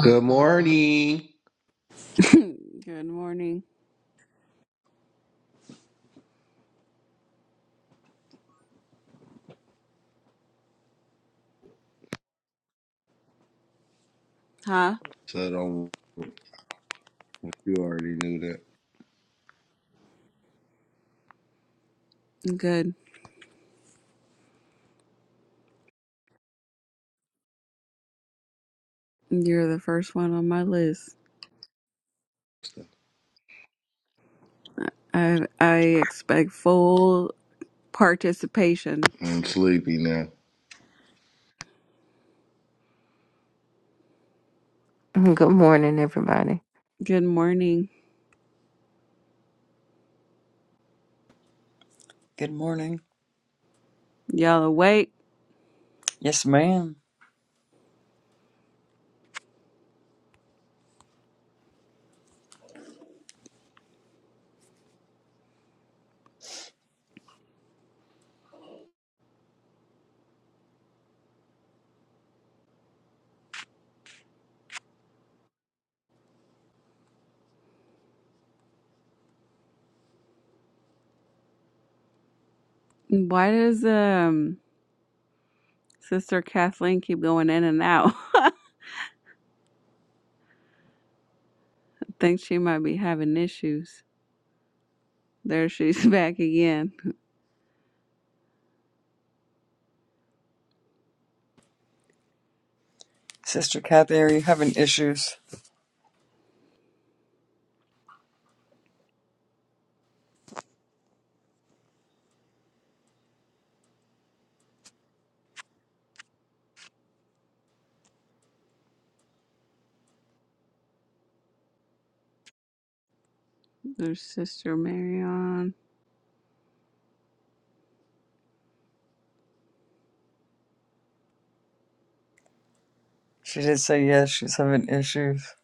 Good morning. Good morning. Huh? So don't you already knew that. Good. You're the first one on my list. I I expect full participation. I'm sleepy now. Good morning, everybody. Good morning. Good morning. Y'all awake? Yes, ma'am. Why does um Sister Kathleen keep going in and out? Think she might be having issues. There she's back again. Sister Kathy, are you having issues? There's Sister Marion. She did say yes, she's having issues.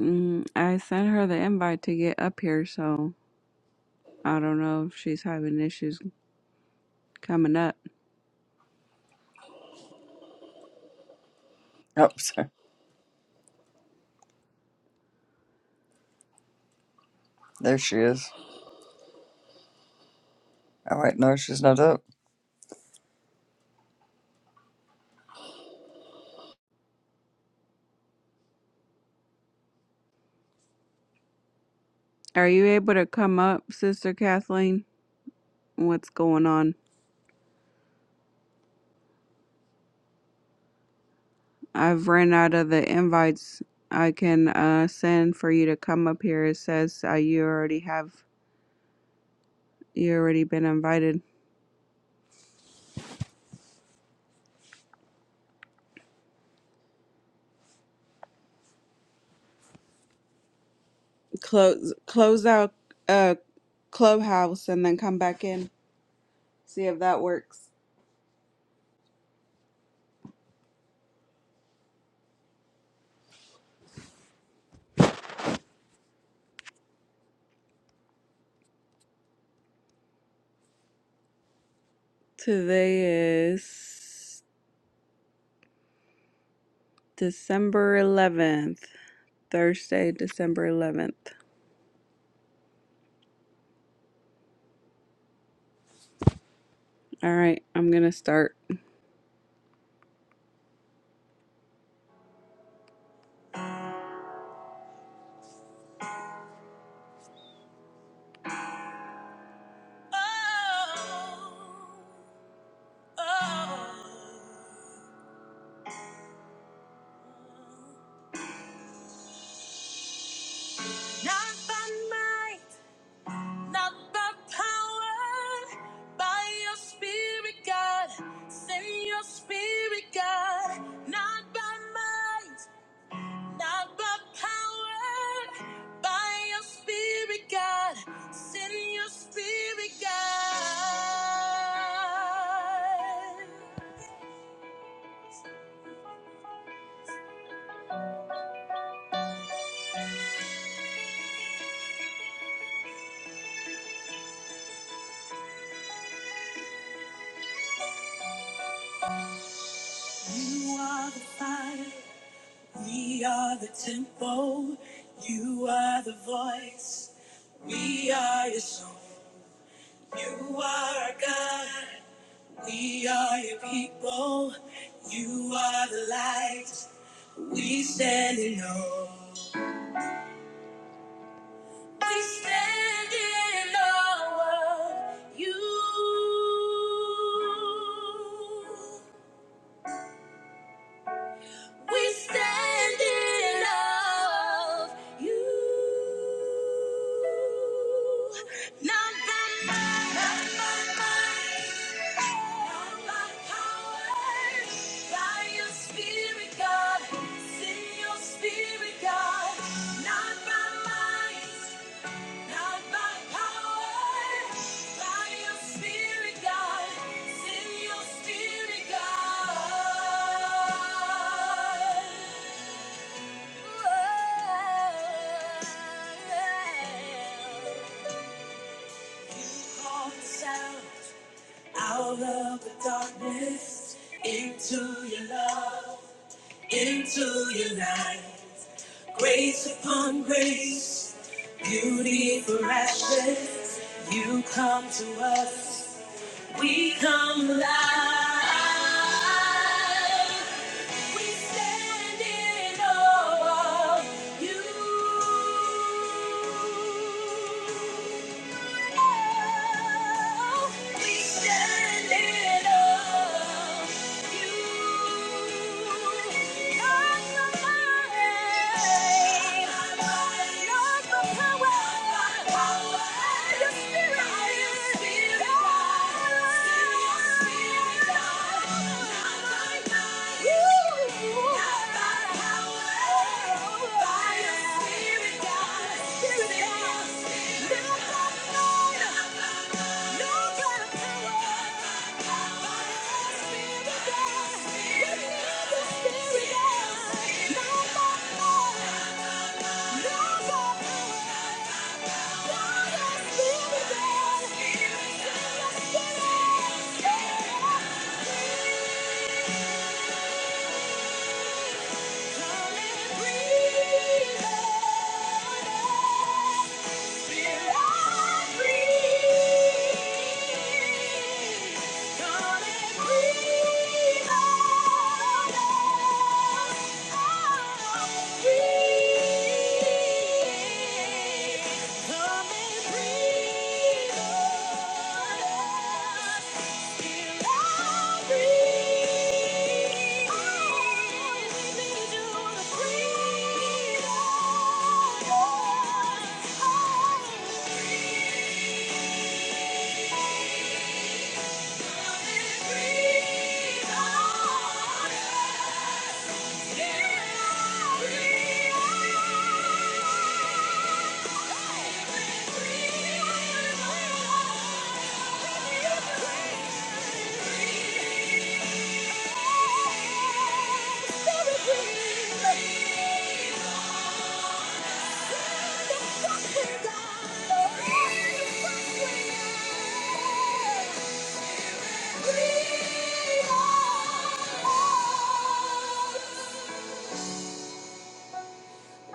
Mm, I sent her the invite to get up here, so I don't know if she's having issues coming up. Oh, sorry. There she is. All right, no, she's not up. Are you able to come up, Sister Kathleen? What's going on? I've ran out of the invites I can uh, send for you to come up here. It says uh, you already have, you already been invited. Close, close out uh, Clubhouse and then come back in. See if that works. Today is December 11th, Thursday, December 11th. All right, I'm gonna start. Oh. Not by might, not by power, by your spirit, God. Send your spirit, God. Not by might, not by power, by your spirit, God. Send your spirit, God. You are the fire. We are the temple, you are the voice, we are your song. You are our God, we are your people, you are the light, we stand in awe. We stand in awe of you. We stand in love you. Not by might, not by might, not by power. By your spirit, God. Send your spirit, God. Not by might. Not by power, by your spirit, God. Send your spirit, God. You called us out, out of the darkness into your love into your light, Grace upon grace, beauty for ashes. You come to us, we come alive. We stand in awe of you. We stand in awe of you. Not the might, not the power, but your spirit. Your spirit. Your spirit. Yeah. Come and breathe on us. Yeah.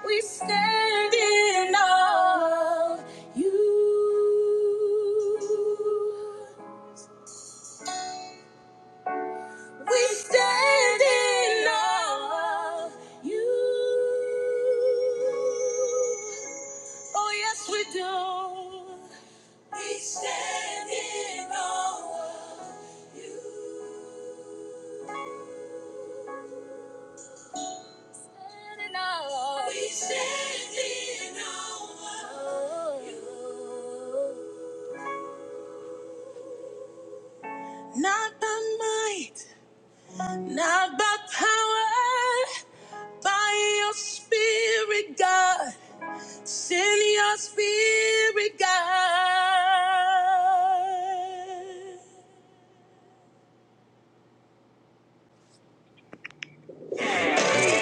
We stand in awe of you. We stand in awe of you. Oh, yes, we do. We stand in awe. Stand in awe. We stand in awe of you. Not by might, not by power, by your spirit, God. Send your spirit, God. Oh,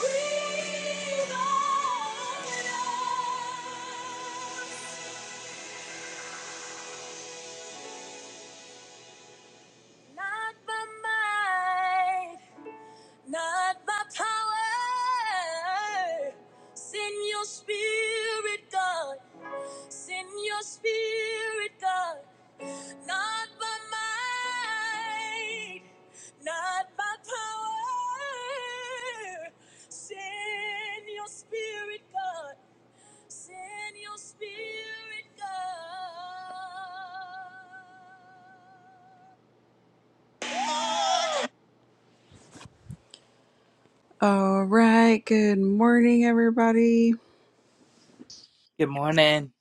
Breathe on us. Not by might, not by power. Send your spirit, God. Send your spirit, God. Not by might, not by power. Send your spirit, God. Send your spirit, God. All right, good morning, everybody. Good morning.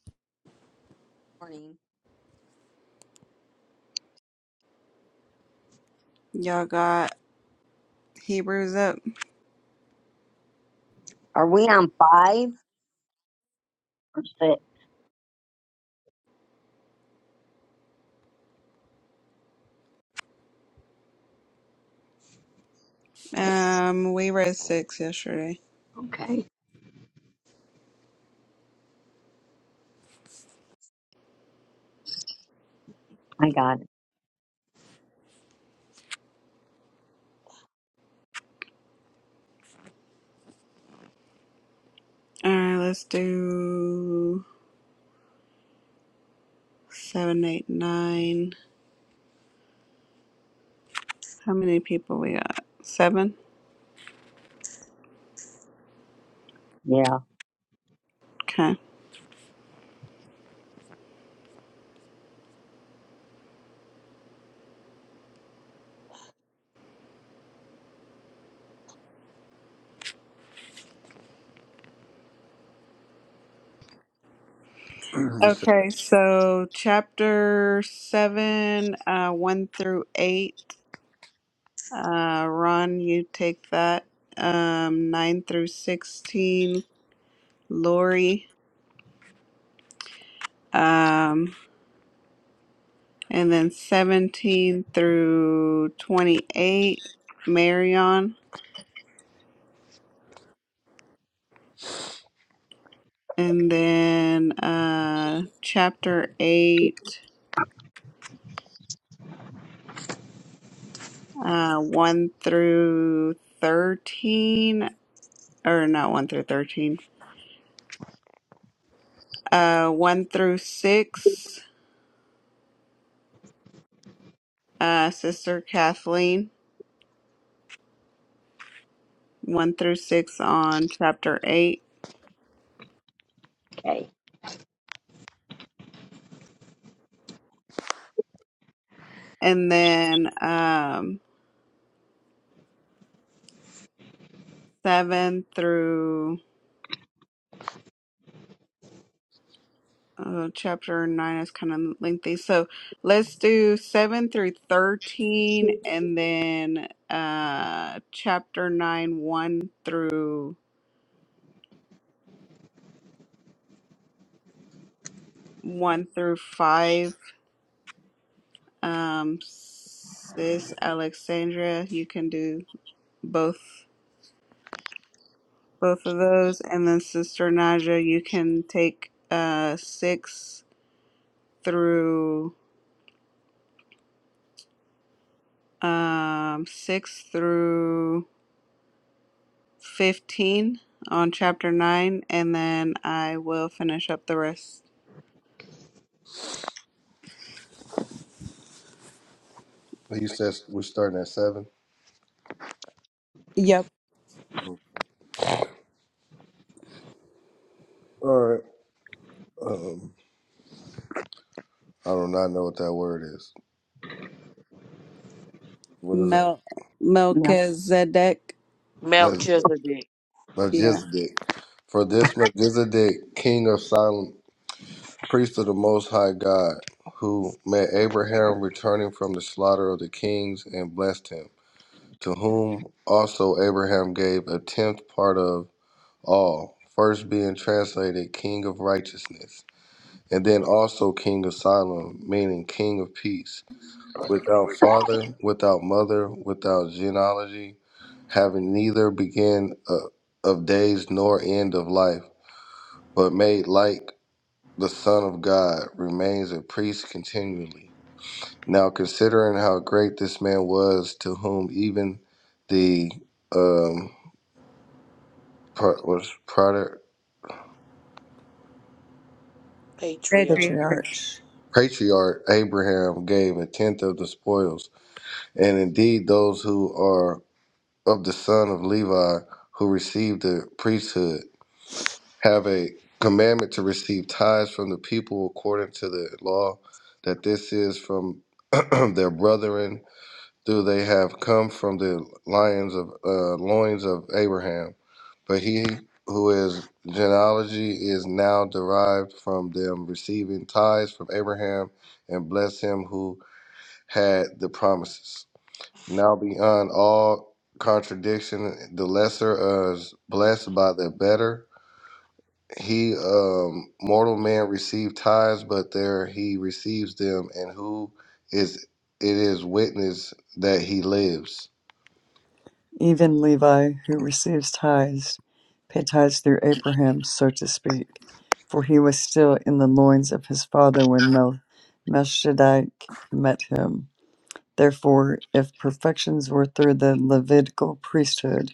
morning. Y'all got Hebrews up. Are we on five or six? Um, we read six yesterday. Okay. I got it. All right, let's do seven, eight, nine. How many people we got? Seven. Yeah. Okay. you said Okay, so chapter seven, uh, one through eight. Uh, Ron, you take that. Um, nine through sixteen. Lori. Um, And then 17 through 28, Marion. And then uh, chapter 8, uh, 1 through 13, or not 1 through 13, uh, 1 through 6, uh, Sister Kathleen, 1 through 6 on chapter 8. Okay. And then um, 7 through Uh, chapter 9 is kind of lengthy. So let's do 7 through 13 and then uh, chapter 9, 1 through 1 through 5. Um, sis Alexandra, you can do both both of those. And then Sister Naja, you can take uh, 6 through um, 6 through 15 on chapter 9 and then I will finish up the rest. you said we're starting at seven. Yep. Oh, All right. Um, I do not know what that word is. What is Mel No. Melchizedek. that? Maj- Melchizedek, Yeah. Melchizedek. For this Melchizedek, king of Salem, priest of the Most High God, who met Abraham returning from the slaughter of the kings and blessed him, to whom also Abraham gave a tenth part of. all, first being translated King of Righteousness, and then also King of Solomon, meaning King of Peace, without father, without mother, without genealogy, having neither begin uh, of days nor end of life, but made like the Son of God, remains a priest continually. Now, considering how great this man was, to whom even the um, pro- was patriarch. Patriarch. Patriarch, patriarch Abraham gave a tenth of the spoils, and indeed those who are of the son of Levi who receive the priesthood have a commandment to receive tithes from the people according to the law, that this is from their brethren, though they have come from the lions of uh, loins of Abraham. But he who is genealogy is now derived from them receiving tithes from Abraham, and bless him who had the promises. Now beyond all contradiction, the lesser is blessed by the better. He, um, mortal man, received tithes, but there he receives them, and who is it is witness that he lives. even Levi, who receives tithes, paid tithes through Abraham, so to speak, for he was still in the loins of his father when Mel- Melchizedek met him. Therefore, if perfections were through the Levitical priesthood,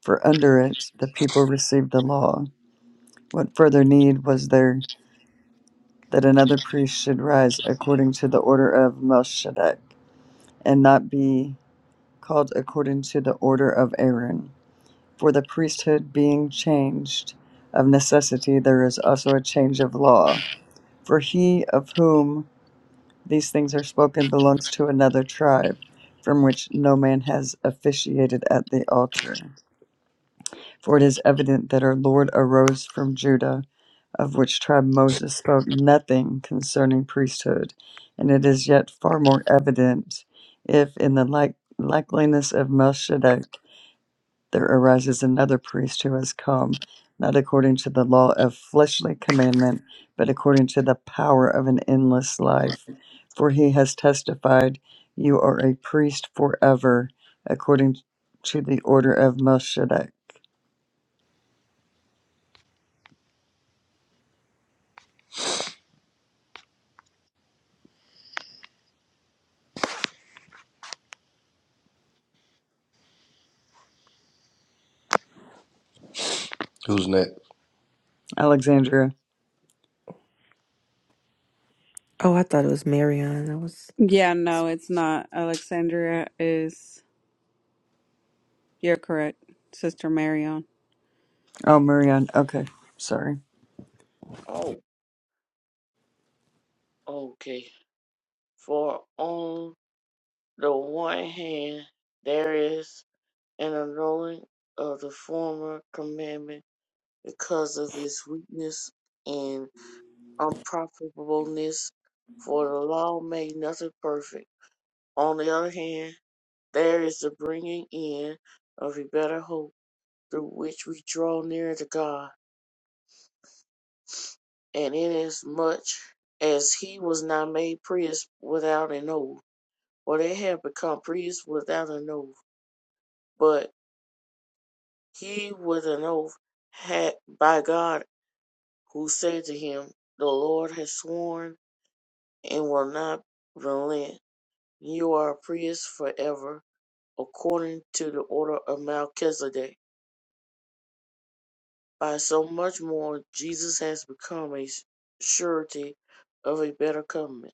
for under it the people received the law What further need was there that another priest should rise according to the order of Melchizedek, and not be called according to the order of Aaron? For the priesthood being changed, of necessity there is also a change of law. For he of whom these things are spoken belongs to another tribe, from which no man has officiated at the altar. For it is evident that our Lord arose from Judah of which tribe Moses spoke nothing concerning priesthood, and it is yet far more evident if, in the like, likeliness of Melchizedek, there arises another priest who has come, not according to the law of fleshly commandment, but according to the power of an endless life. For he has testified, You are a priest forever, according to the order of Melchizedek. Who's next? Alexandria. Oh, I thought it was Marion. I was Yeah, no, it's not. Alexandria is you're correct. Sister Marion. Oh, Marianne. Okay. Sorry. Oh, okay. For on the one hand, there is an annulling of the former commandment because of its weakness and unprofitableness, for the law made nothing perfect. On the other hand, there is the bringing in of a better hope through which we draw near to God. And inasmuch as he was not made priest without an oath, for they had become priests without an oath, but he with an oath had by God, who said to him, The Lord has sworn and will not relent. You are a priest forever, according to the order of Melchizedek. By so much more, Jesus has become a surety of a better covenant.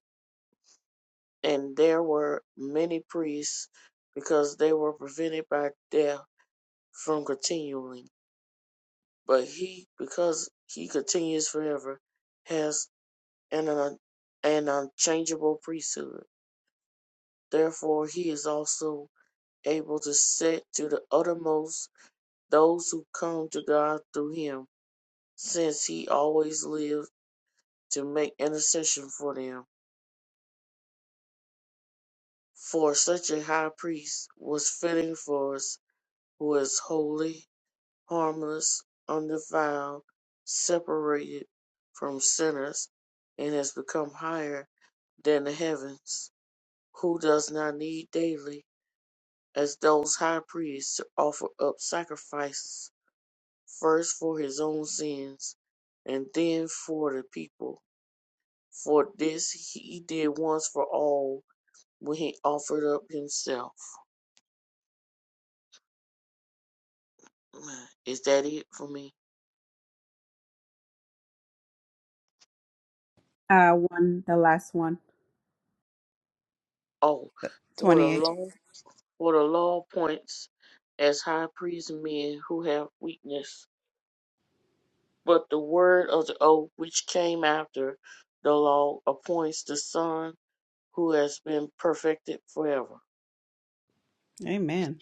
and there were many priests because they were prevented by death from continuing. But he, because he continues forever, has an, un- an unchangeable priesthood. Therefore, he is also able to set to the uttermost those who come to God through him, since he always lived to make intercession for them. For such a high priest was fitting for us, who is holy harmless, undefiled, separated from sinners, and has become higher than the heavens, who does not need daily, as those high priests, to offer up sacrifices, first for his own sins, and then for the people. For this he did once for all when he offered up himself. Is that it for me? Uh one the last one. Oh, for the 28. law. For the law points as high priest men who have weakness, but the word of the oath which came after the law appoints the Son who has been perfected forever. Amen.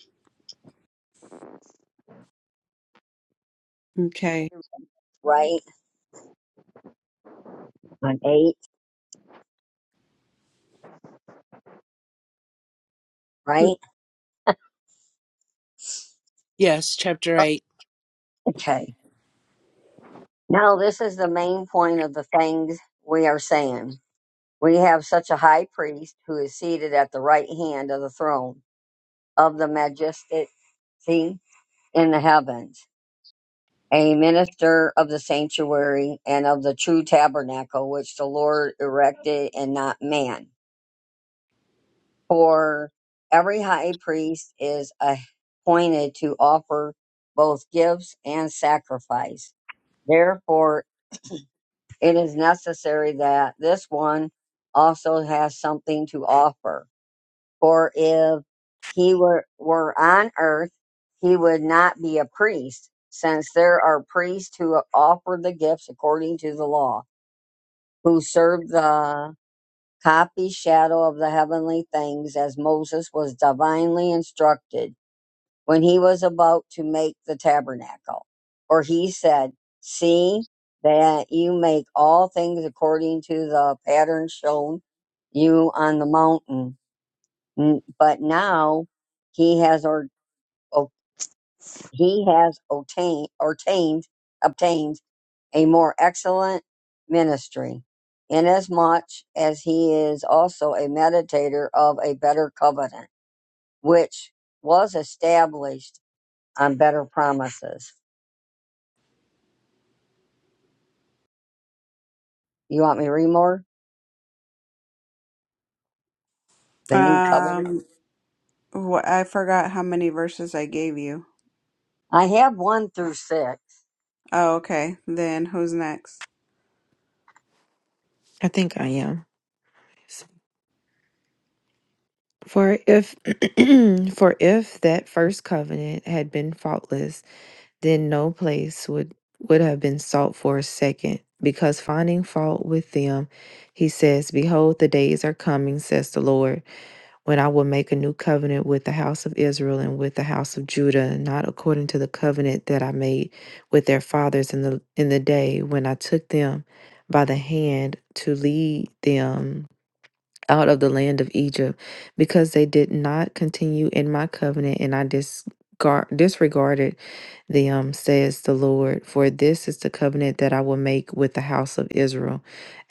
Okay. Right. On eight. Right. Yes, chapter 8. Okay. Now this is the main point of the things we are saying. We have such a high priest who is seated at the right hand of the throne of the majesty in the heavens, a minister of the sanctuary and of the true tabernacle which the Lord erected and not man. For every high priest is appointed to offer both gifts and sacrifice. Therefore, it is necessary that this one also has something to offer. For if he were, were on earth, he would not be a priest, since there are priests who offer the gifts according to the law, who serve the copy shadow of the heavenly things as Moses was divinely instructed when he was about to make the tabernacle. For he said, See that you make all things according to the pattern shown you on the mountain. But now he has or, he has obtained, ordained, obtained a more excellent ministry, inasmuch as he is also a meditator of a better covenant, which was established on better promises. You want me to read more? The new covenant? Um wh- I forgot how many verses I gave you. I have one through six. Oh, okay. Then who's next? I think I am. For if for if that first covenant had been faultless, then no place would would have been sought for a second, because finding fault with them, he says, Behold, the days are coming, says the Lord. when I will make a new covenant with the house of Israel and with the house of Judah, not according to the covenant that I made with their fathers in the in the day when I took them by the hand to lead them out of the land of Egypt, because they did not continue in my covenant, and I disgar- disregarded them, says the Lord. For this is the covenant that I will make with the house of Israel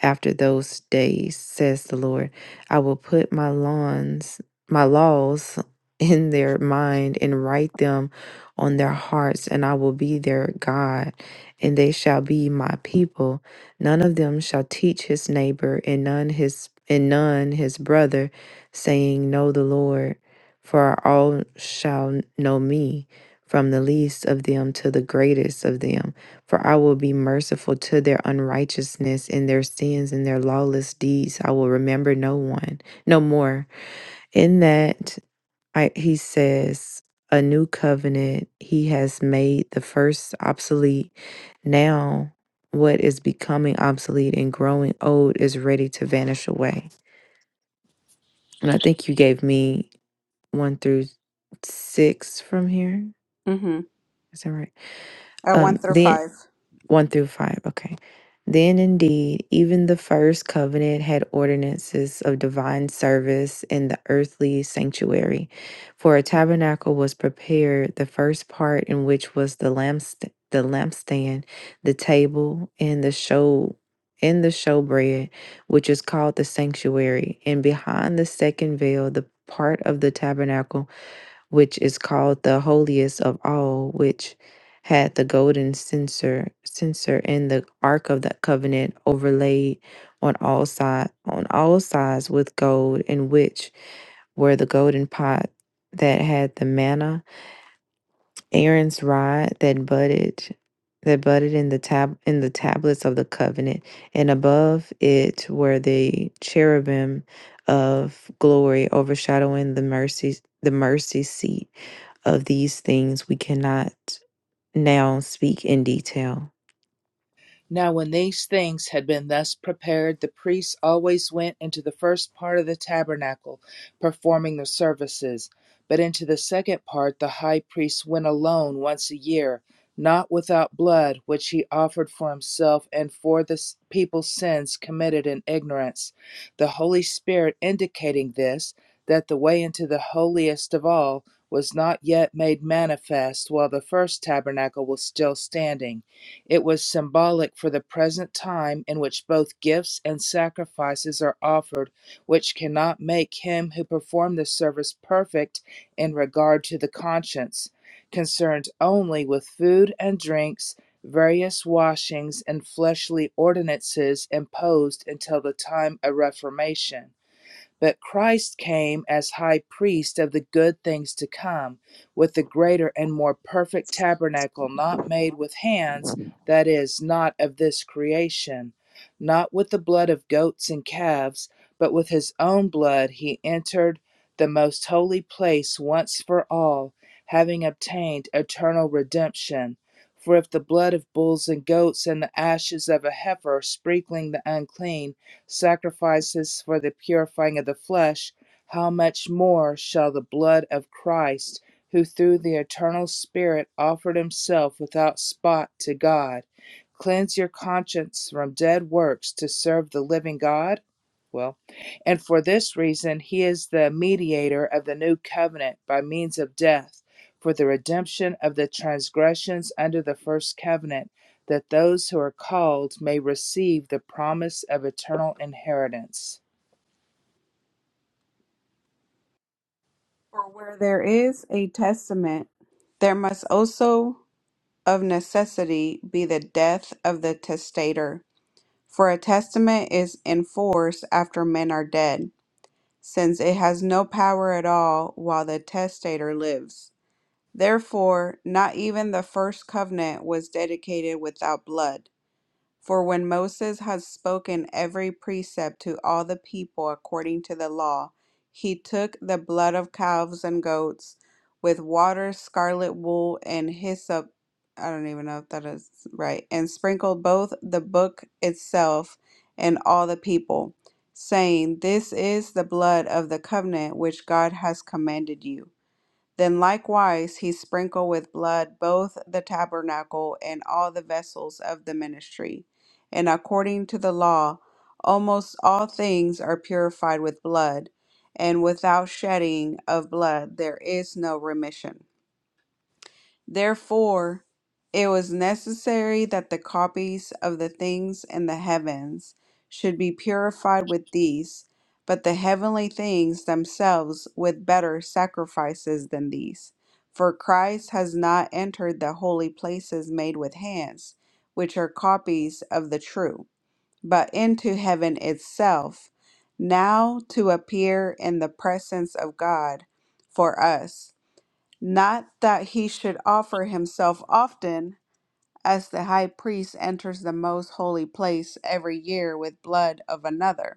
after those days, says the Lord. I will put my lawns, my laws in their mind and write them on their hearts, and I will be their God, and they shall be my people. None of them shall teach his neighbor, and none his and none his brother, saying, Know the Lord, for all shall know me, from the least of them to the greatest of them. For I will be merciful to their unrighteousness and their sins and their lawless deeds. I will remember no one, no more. In that I, he says, a new covenant he has made the first obsolete. Now, what is becoming obsolete and growing old is ready to vanish away. And I think you gave me one through six from here. Mhm. Is that right? Uh Um, 1 through then 5. 1 through 5. Okay. Then indeed, even the first covenant had ordinances of divine service in the earthly sanctuary. For a tabernacle was prepared, the first part in which was the lampst- the lampstand, the table, and the show and the showbread, which is called the sanctuary, and behind the second veil, the part of the tabernacle which is called the holiest of all, which had the golden censer, censer and the ark of the covenant overlaid on all side on all sides with gold, in which were the golden pot that had the manna, Aaron's rod that budded that budded in the tab in the tablets of the covenant, and above it were the cherubim of glory overshadowing the mercy the mercy seat of these things we cannot now speak in detail. Now when these things had been thus prepared, the priests always went into the first part of the tabernacle, performing the services. But into the second part the high priest went alone once a year, not without blood, which he offered for himself and for the people's sins committed in ignorance, the Holy Spirit indicating this, that the way into the holiest of all was not yet made manifest while the first tabernacle was still standing it was symbolic for the present time in which both gifts and sacrifices are offered, which cannot make him who performed the service perfect in regard to the conscience, concerned only with food and drinks, various washings, and fleshly ordinances imposed until the time of Reformation. But Christ came as high priest of the good things to come, with the greater and more perfect tabernacle not made with hands, that is, not of this creation. Not with the blood of goats and calves, but with his own blood he entered the most holy place once for all, having obtained eternal redemption. For if the blood of bulls and goats and the ashes of a heifer sprinkling the unclean, sacrifices for the purifying of the flesh, how much more shall the blood of Christ, who through the eternal Spirit offered himself without spot to God, cleanse your conscience from dead works to serve the living God? Well, and for this reason, he is the mediator of the new covenant by means of death for the redemption of the transgressions under the first covenant that those who are called may receive the promise of eternal inheritance. For where there is a testament, there must also of necessity be the death of the testator. For a testament is in force after men are dead, since it has no power at all while the testator lives. Therefore, not even the first covenant was dedicated without blood. For when Moses had spoken every precept to all the people according to the law, he took the blood of calves and goats with water, scarlet wool, and hyssop. I don't even know if that is right. And sprinkled both the book itself and all the people, saying, This is the blood of the covenant which God has commanded you. Then likewise he sprinkled with blood both the tabernacle and all the vessels of the ministry. And according to the law, almost all things are purified with blood, and without shedding of blood there is no remission. Therefore, it was necessary that the copies of the things in the heavens should be purified with these, but the heavenly things themselves with better sacrifices than these. For Christ has not entered the holy places made with hands, which are copies of the true, but into heaven itself, now to appear in the presence of God for us. Not that he should offer himself often, as the high priest enters the most holy place every year with blood of another.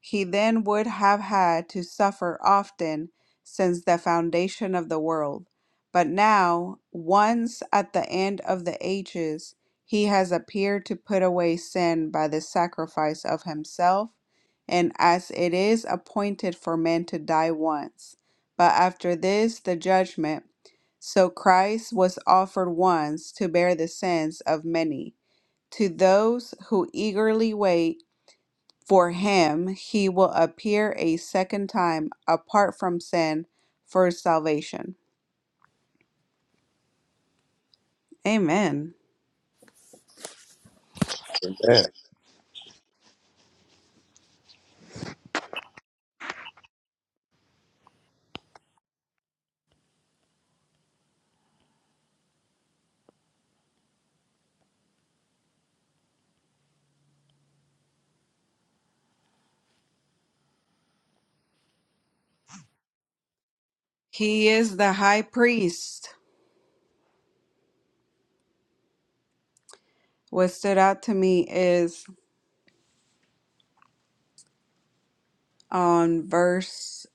He then would have had to suffer often since the foundation of the world. But now, once at the end of the ages, he has appeared to put away sin by the sacrifice of himself. And as it is appointed for men to die once, but after this the judgment, so Christ was offered once to bear the sins of many. To those who eagerly wait, for him, he will appear a second time apart from sin for salvation. Amen. Amen. He is the high priest. What stood out to me is on verse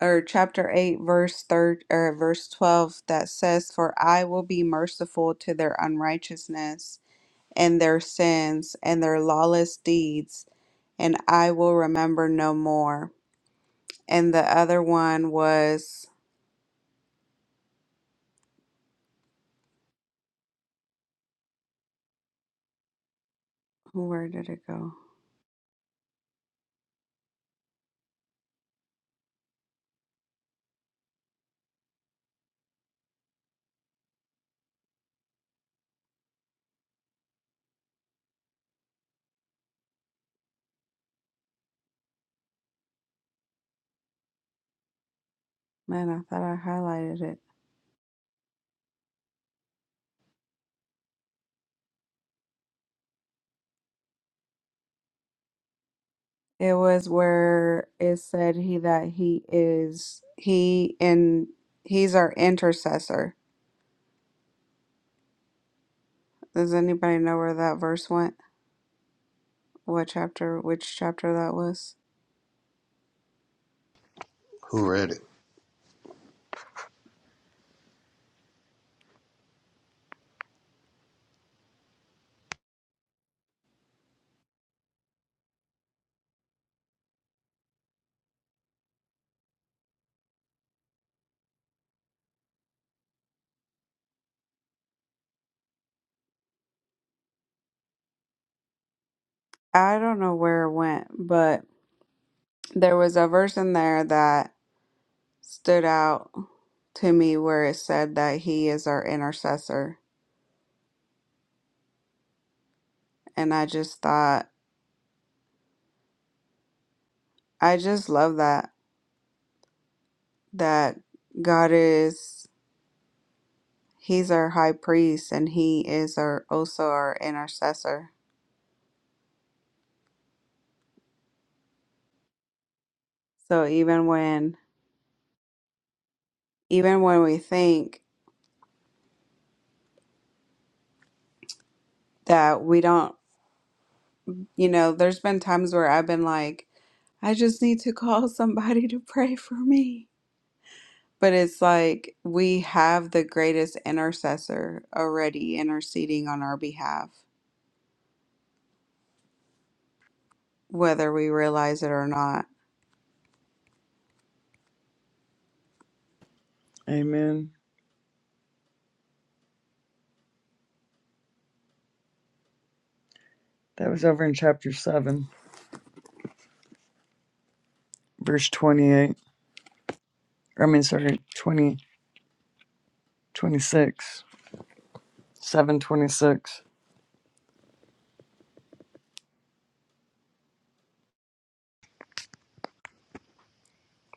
or chapter 8 verse third or verse 12 that says for I will be merciful to their unrighteousness and their sins and their lawless deeds and I will remember no more. And the other one was where did it go? Man, I thought I highlighted it. It was where it said he that he is he and he's our intercessor. Does anybody know where that verse went? What chapter, which chapter that was? Who read it? I don't know where it went, but there was a verse in there that stood out to me where it said that he is our intercessor. And I just thought, I just love that, that God is. He's our high priest and he is our also our intercessor. So even when even when we think that we don't, you know, there's been times where I've been like, I just need to call somebody to pray for me. But it's like we have the greatest intercessor already interceding on our behalf, whether we realize it or not. Amen. That was over in chapter 7, verse 28. I mean, sorry, 20, 26, 726.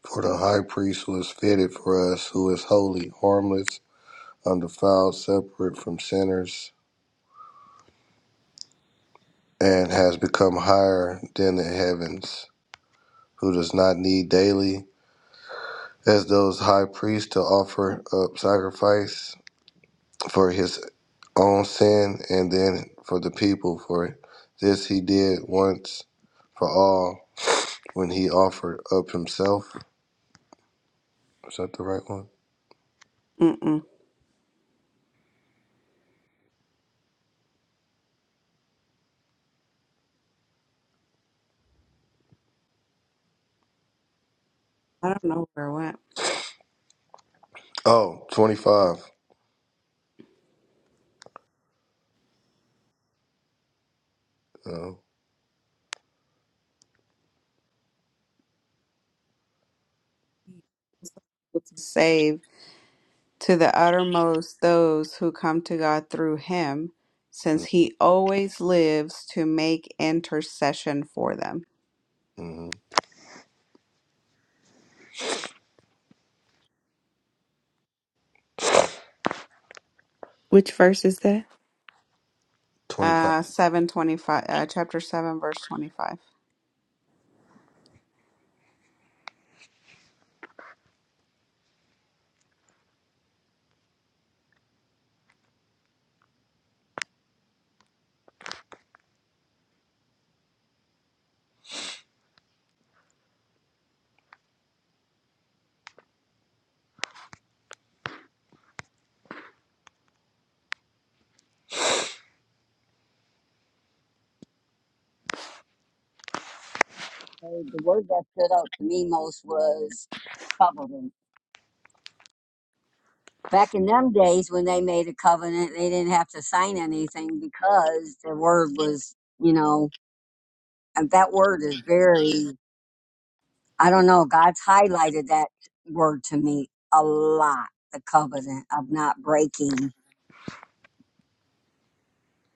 For the high priest was fitted for us, who is holy, harmless, undefiled, separate from sinners, and has become higher than the heavens who does not need daily, as those high priests, to offer up sacrifice for his own sin and then for the people for This he did once for all when he offered up himself. Is that the right one? Mm-mm. I don't know where it went. Oh, 25. Oh, It's saved. to the uttermost those who come to God through him, since he always lives to make intercession for them. mhm. Which verse is that? 25. Uh 725 uh, chapter 7 verse 25. So The word that stood out to me most was covenant. Back in them days when they made a covenant, they didn't have to sign anything because the word was, you know, and that word is very I don't know. God's highlighted that word to me a lot. The covenant of not breaking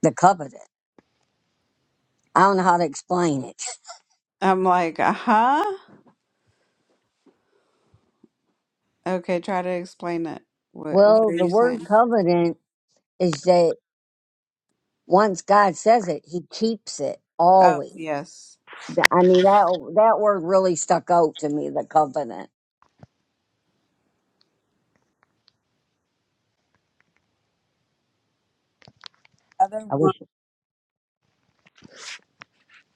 the covenant. I don't know how to explain it. I'm like, "Uh-huh. Okay, try to explain it. What what Well, are the you word saying?" covenant is that once God says it, he keeps it Oh, always. yes. Th- I mean, that, that word really stuck out to me, the covenant. Other I wish, one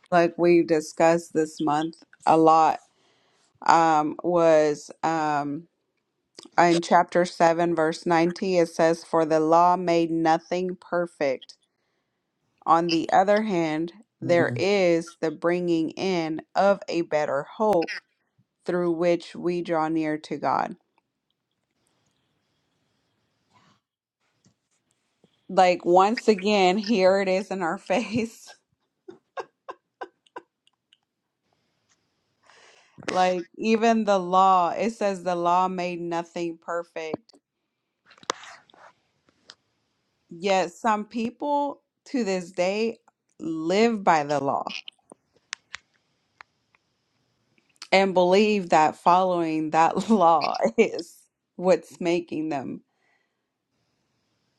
like we discussed this month a lot um was um in chapter 7 verse 90 it says for the law made nothing perfect On the other hand, there mm, is the bringing in of a better hope through which we draw near to God. Like, once again, here it is in our face. Like, even the law, it says the law made nothing perfect. Yet, some people to this day live by the law and believe that following that law is what's making them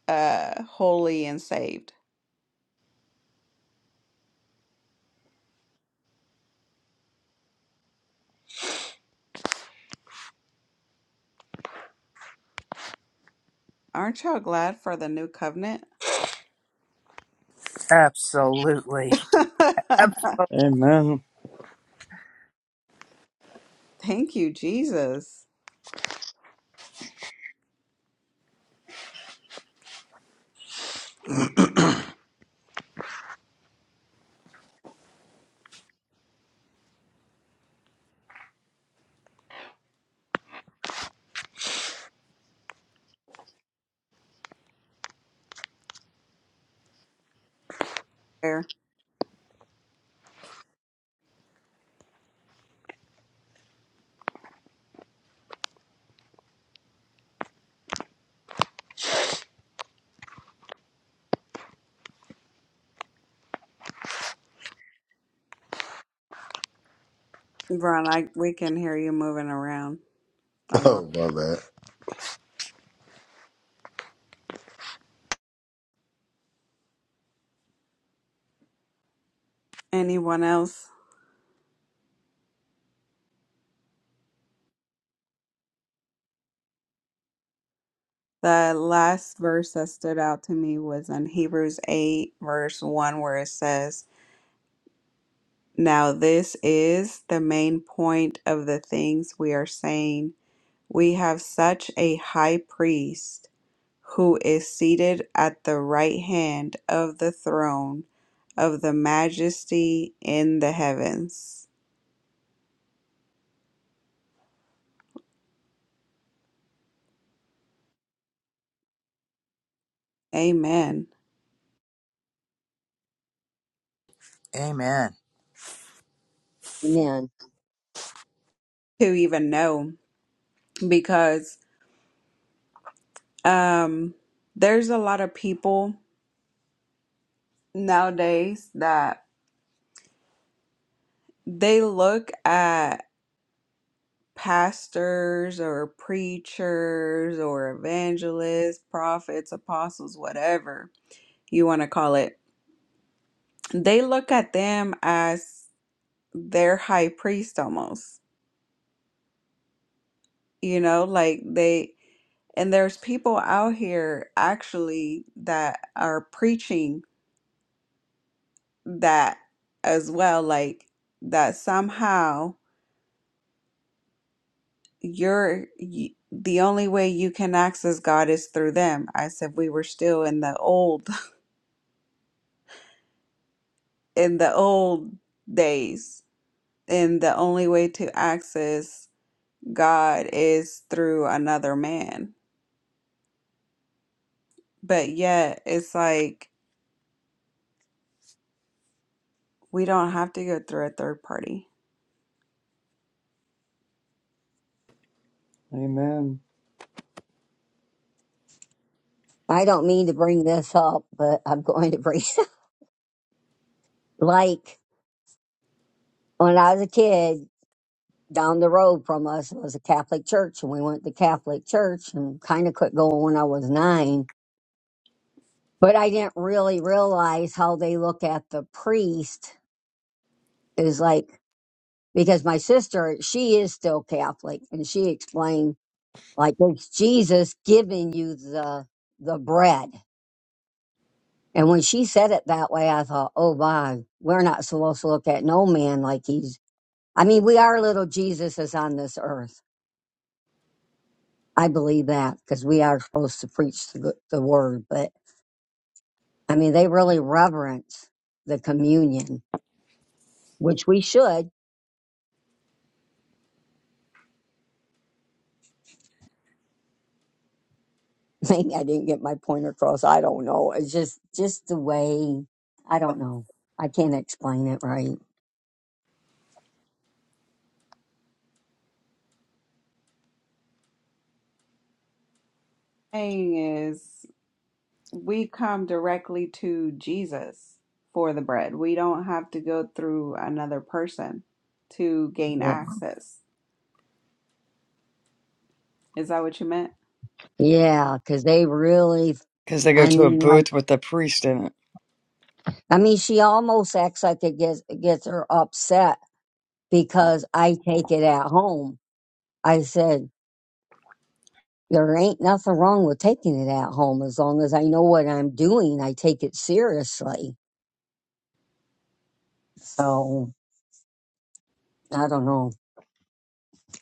uh holy and saved. Aren't y'all glad for the new covenant? Absolutely. Absolutely. Amen. Thank you, Jesus. There, Ron, I we can hear you moving around a lot. Oh, my bad. Anyone else? The last verse that stood out to me was in Hebrews 8, verse 1, where it says, Now this is the main point of the things we are saying. We have such a high priest who is seated at the right hand of the throne of the majesty in the heavens. Amen. Amen. amen. To even know because um there's a lot of people nowadays that they look at pastors or preachers or evangelists, prophets, apostles, whatever you want to call it. They look at them as their high priest almost. You know, like they and there's people out here actually that are preaching that as well, like that somehow you're y the only way you can access God is through them. I said we were still in the old in the old days, and the only way to access God is through another man. But yet it's like we don't have to go through a third party. Amen. I don't mean to bring this up, but I'm going to bring, like, when I was a kid, down the road from us was a Catholic church, and we went to Catholic church and kind of quit going when I was nine. But I didn't really realize how they look at the priest is like because my sister she is still Catholic, and she explained like it's Jesus giving you the the bread. And when she said it that way, I thought, oh my, we're not supposed to look at no man like he's. I mean, we are little Jesuses on this earth I believe that because we are supposed to preach the, good- the word, but I mean, they really reverence the communion, which we should. Maybe I didn't get my point across. I don't know. It's just, just the way, I don't know. I can't explain it right. Thing is we come directly to Jesus for the bread. We don't have to go through another person to gain Yeah. access. Is that what you meant? Yeah. Cause they really, Because they go I to a mean, like, booth with a priest in it. I mean, she almost acts like it gets, gets her upset because I take it at home. I said, there ain't nothing wrong with taking it at home as long as I know what I'm doing. I take it seriously. So I don't know.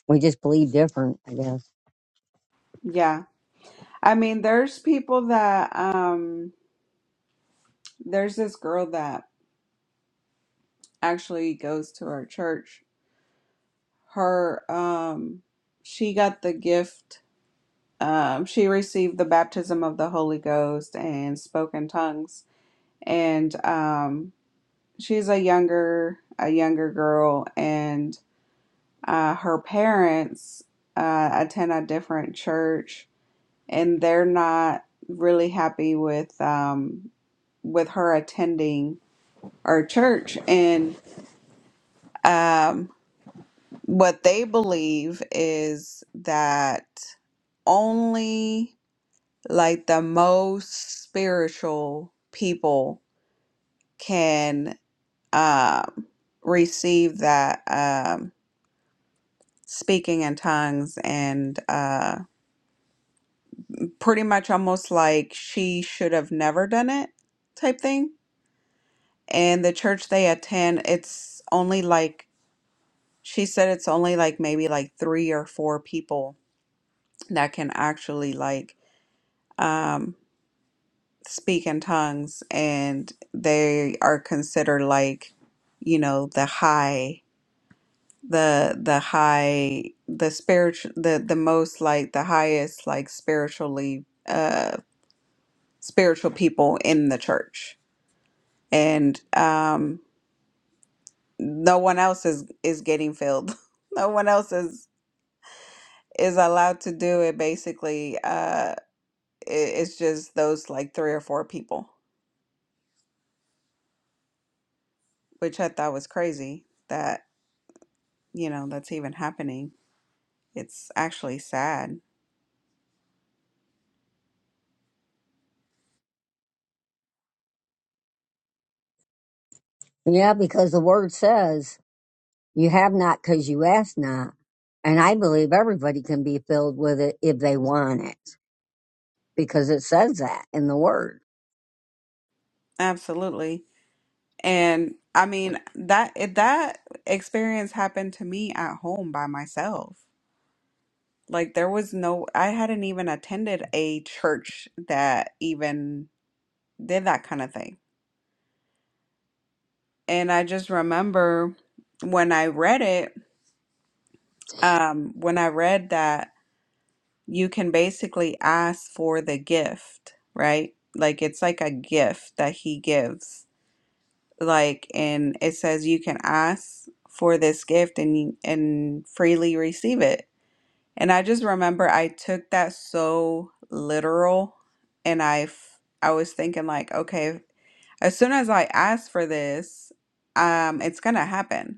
We just believe different, I guess. Yeah. I mean, there's people that um there's this girl that actually goes to our church. Her um she got the gift um she received the baptism of the Holy Ghost and spoke in tongues and um she's a younger a younger girl and Uh, her parents uh, attend a different church, and they're not really happy with um, with her attending our church. And um, what they believe is that only like the most spiritual people can um, receive that um, speaking in tongues and. uh, pretty much almost like she should have never done it type thing. And the church they attend, it's only like she said it's only like maybe like three or four people that can actually like um speak in tongues and they are considered like you know the high the the high the spiritual the the most like the highest like spiritually uh spiritual people in the church and um, no one else is is getting filled. no one else is is allowed to do it. Basically, uh, it, it's just those like three or four people, which I thought was crazy that you know that's even happening. It's actually sad. Yeah, because the word says you have not because you ask not. And I believe everybody can be filled with it if they want it because it says that in the word. Absolutely. And I mean that it- that experience happened to me at home by myself. Like there was no I hadn't even attended a church that even did that kind of thing And I just remember when I read it, um, when I read that you can basically ask for the gift, right? Like it's like a gift that he gives. Like, and it says you can ask for this gift and you- and freely receive it. And I just remember I took that so literal, and I f- I was thinking like, okay, as soon as I ask for this, um, it's gonna happen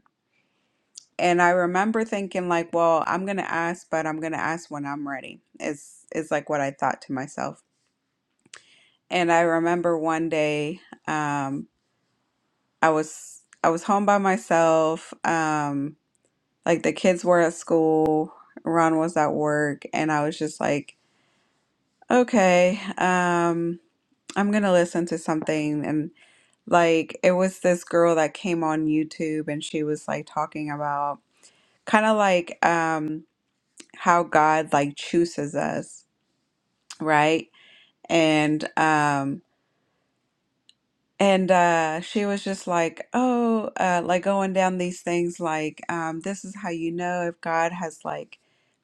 And I remember thinking like, well, I'm gonna ask, but I'm gonna ask when I'm ready. Is is like what I thought to myself. And I remember one day, um, I was I was home by myself. Um, like the kids were at school, Ron was at work, and I was just like, okay, um, I'm gonna listen to something. And like it was this girl that came on YouTube, and she was like talking about kind of like um. how God like chooses us, right? And um and uh she was just like, "Oh, uh like going down these things like um this is how you know if God has like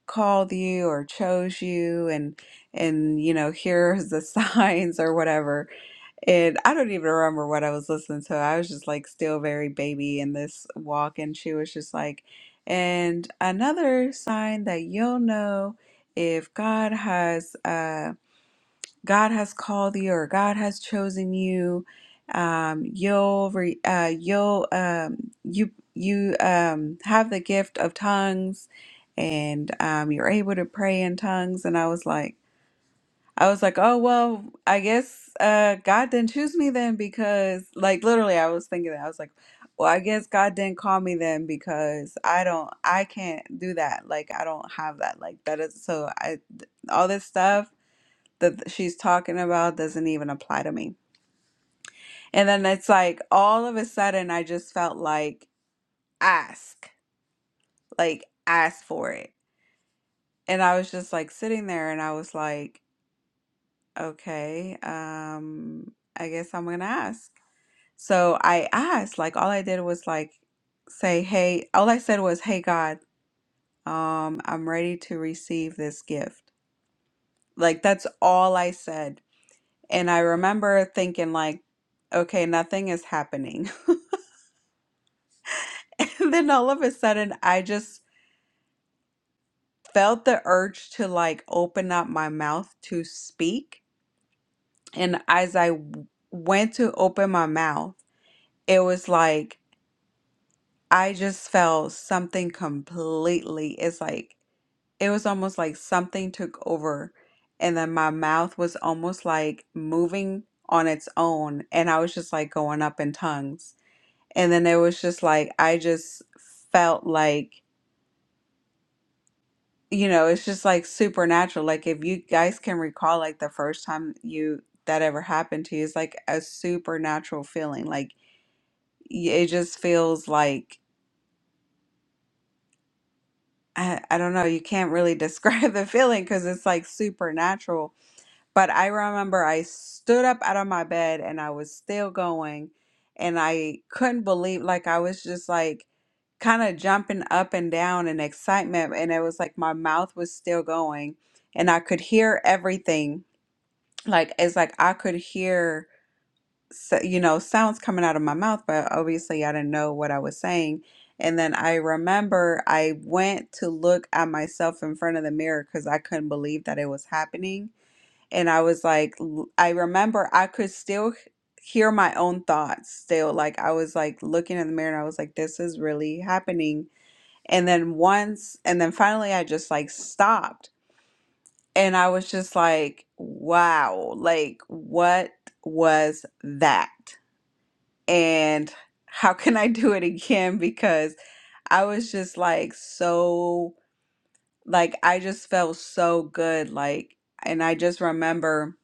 called you or chose you and and you know, here's the signs or whatever." And I don't even remember what I was listening to. I was just like still very baby in this walk, and she was just like, and another sign that you'll know if God has uh God has called you or God has chosen you, um, you'll re uh you'll um you you um have the gift of tongues and um you're able to pray in tongues. And I was like I was like, oh, well, I guess uh, God didn't choose me then because, like, literally, I was thinking that. I was like, well, I guess God didn't call me then because I don't, I can't do that. Like, I don't have that. Like, that is so, I, th- all this stuff that she's talking about doesn't even apply to me. And then it's like, all of a sudden, I just felt like, ask, like, ask for it. And I was just like sitting there and I was like, okay, um, I guess I'm gonna ask. So I asked, like, all I did was like say, hey, all I said was, hey, God, um, I'm ready to receive this gift. Like, that's all I said. And I remember thinking, like, okay, nothing is happening. And then all of a sudden, I just felt the urge to like open up my mouth to speak. And as I w- went to open my mouth, it was like, I just felt something completely. It's like, it was almost like something took over and then my mouth was almost like moving on its own and I was just like going up in tongues. And then it was just like I just felt like you know, it's just like supernatural. Like if you guys can recall like the first time you that ever happened to you, it's like a supernatural feeling. Like y- it just feels like I, I don't know, you can't really describe the feeling because it's like supernatural But I remember I stood up out of my bed and I was still going and I couldn't believe like I was just like kind of jumping up and down in excitement and it was like my mouth was still going and I could hear everything. Like it's like I could hear so, you know sounds coming out of my mouth but obviously I didn't know what I was saying. And then I remember I went to look at myself in front of the mirror because I couldn't believe that it was happening and I was like, l- I remember I could still h- hear my own thoughts still. Like I was like looking in the mirror and I was like, this is really happening. And then once, and then finally I just like stopped and I was just like, wow, like what was that? And how can I do it again? Because I was just like so, like I just felt so good. Like, and I just remember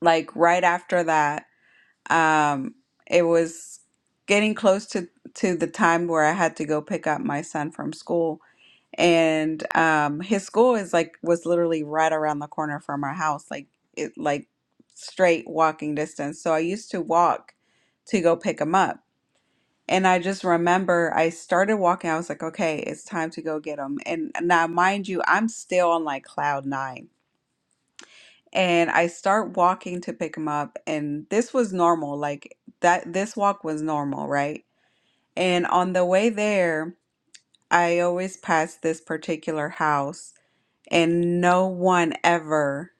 like right after that. Um, it was getting close to to the time where I had to go pick up my son from school, and um, his school is like was literally right around the corner from our house, like it like straight walking distance. So I used to walk to go pick him up. And I just remember I started walking. I was like, okay, it's time to go get him. And now, mind you, I'm still on like cloud nine and I start walking to pick him up and this was normal like that this walk was normal right and on the way there I always pass this particular house and no one ever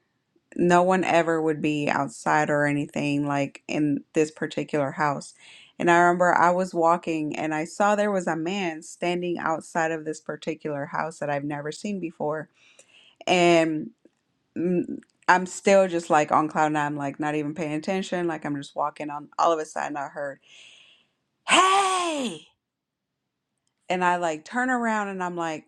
no one ever would be outside or anything like in this particular house and I remember I was walking and I saw there was a man standing outside of this particular house that I've never seen before and mm, I'm still just like on cloud nine, like not even paying attention. Like I'm just walking on. All of a sudden, I heard, "Hey!" And I like turn around and I'm like,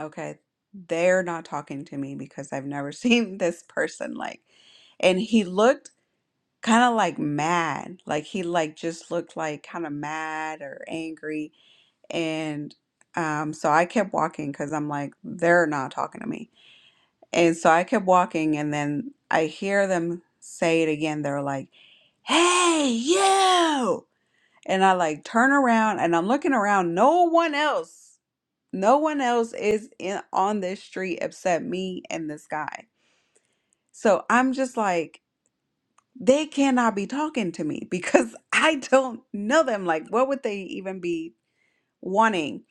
"Okay, they're not talking to me because I've never seen this person." Like, and he looked kind of like mad. Like he like just looked like kind of mad or angry. And um, so I kept walking because I'm like, "They're not talking to me." And so I kept walking, and then I hear them say it again. They're like, Hey, you! And I like turn around and I'm looking around. No one else, no one else is in on this street except me and this guy. So I'm just like, they cannot be talking to me because I don't know them. Like, what would they even be wanting?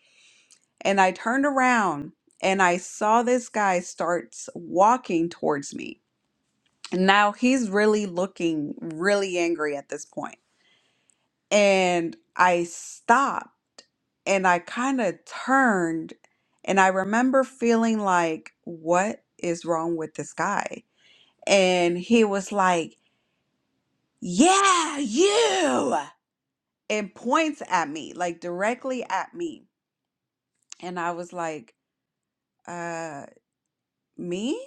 And I turned around and I saw this guy starts walking towards me now he's really looking really angry at this point. And I stopped and I kind of turned and I remember feeling like, what is wrong with this guy? And he was like, yeah, you, and points at me, like directly at me. And I was like, uh, me?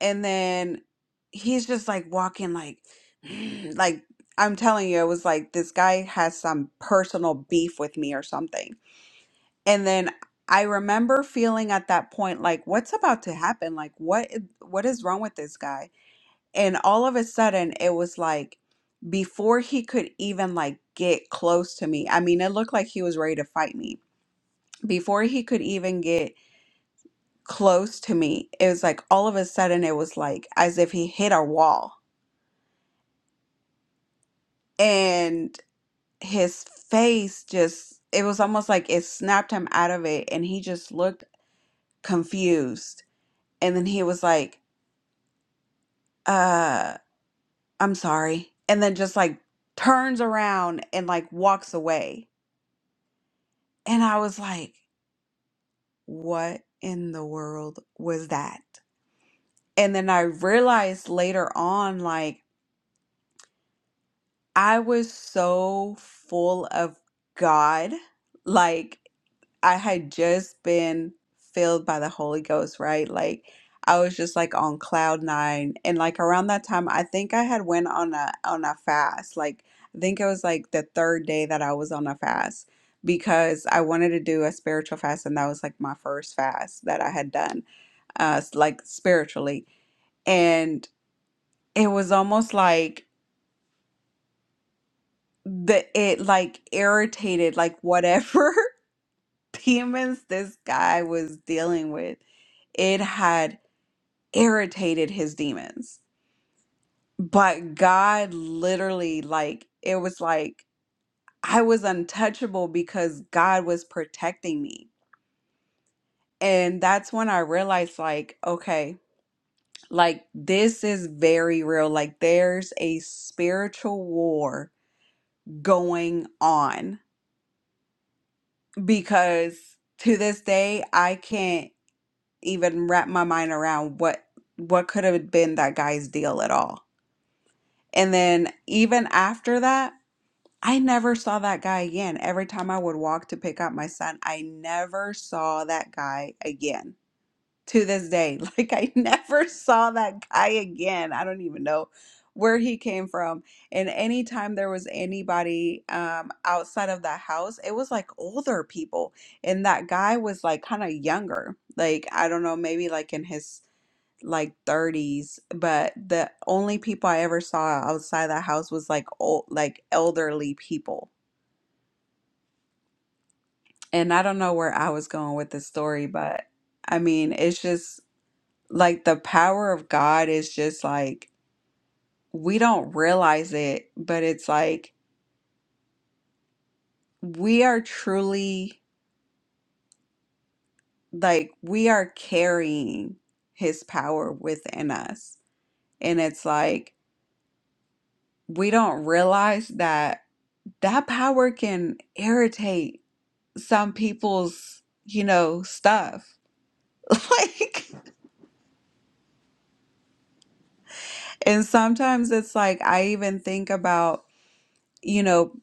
and then he's just like walking like like I'm telling you, it was like this guy has some personal beef with me or something. And then I remember feeling at that point like what's about to happen? Like what i- what is wrong with this guy? And all of a sudden it was like before he could even like get close to me. I mean, it looked like he was ready to fight me. Before he could even get close to me, it was like all of a sudden it was like as if he hit a wall and his face just it was almost like it snapped him out of it and he just looked confused and then he was like uh i'm sorry and then just like turns around and like walks away and i was like what in the world was that and then i realized later on like I was so full of God. Like, I had just been filled by the Holy Ghost, right? Like I was just like on cloud nine, and like around that time, I think I had went on a on a fast. Like I think it was like the third day that I was on a fast because I wanted to do a spiritual fast, and that was like my first fast that I had done, uh, s- like spiritually, and it was almost like the it like irritated like whatever demons this guy was dealing with it had irritated his demons but god literally like it was like i was untouchable because god was protecting me and that's when i realized like okay like this is very real like there's a spiritual war going on because to this day I can't. even wrap my mind around what what could have been that guy's deal at all. And then even after that, I never saw that guy again. Every time I would walk to pick up my son, I never saw that guy again. To this day, like I never saw that guy again. I don't even know where he came from. And anytime there was anybody um, outside of that house, it was like older people and that guy was like kind of younger like i don't know maybe like in his like 30s, but the only people I ever saw outside the house was like old, like elderly people. And I don't know where I was going with the story, but I mean, it's just like the power of God is just like we don't realize it, but it's like we are truly like we are carrying his power within us. And it's like we don't realize that that power can irritate some people's, you know, stuff. Like, and sometimes it's like I even think about, you know,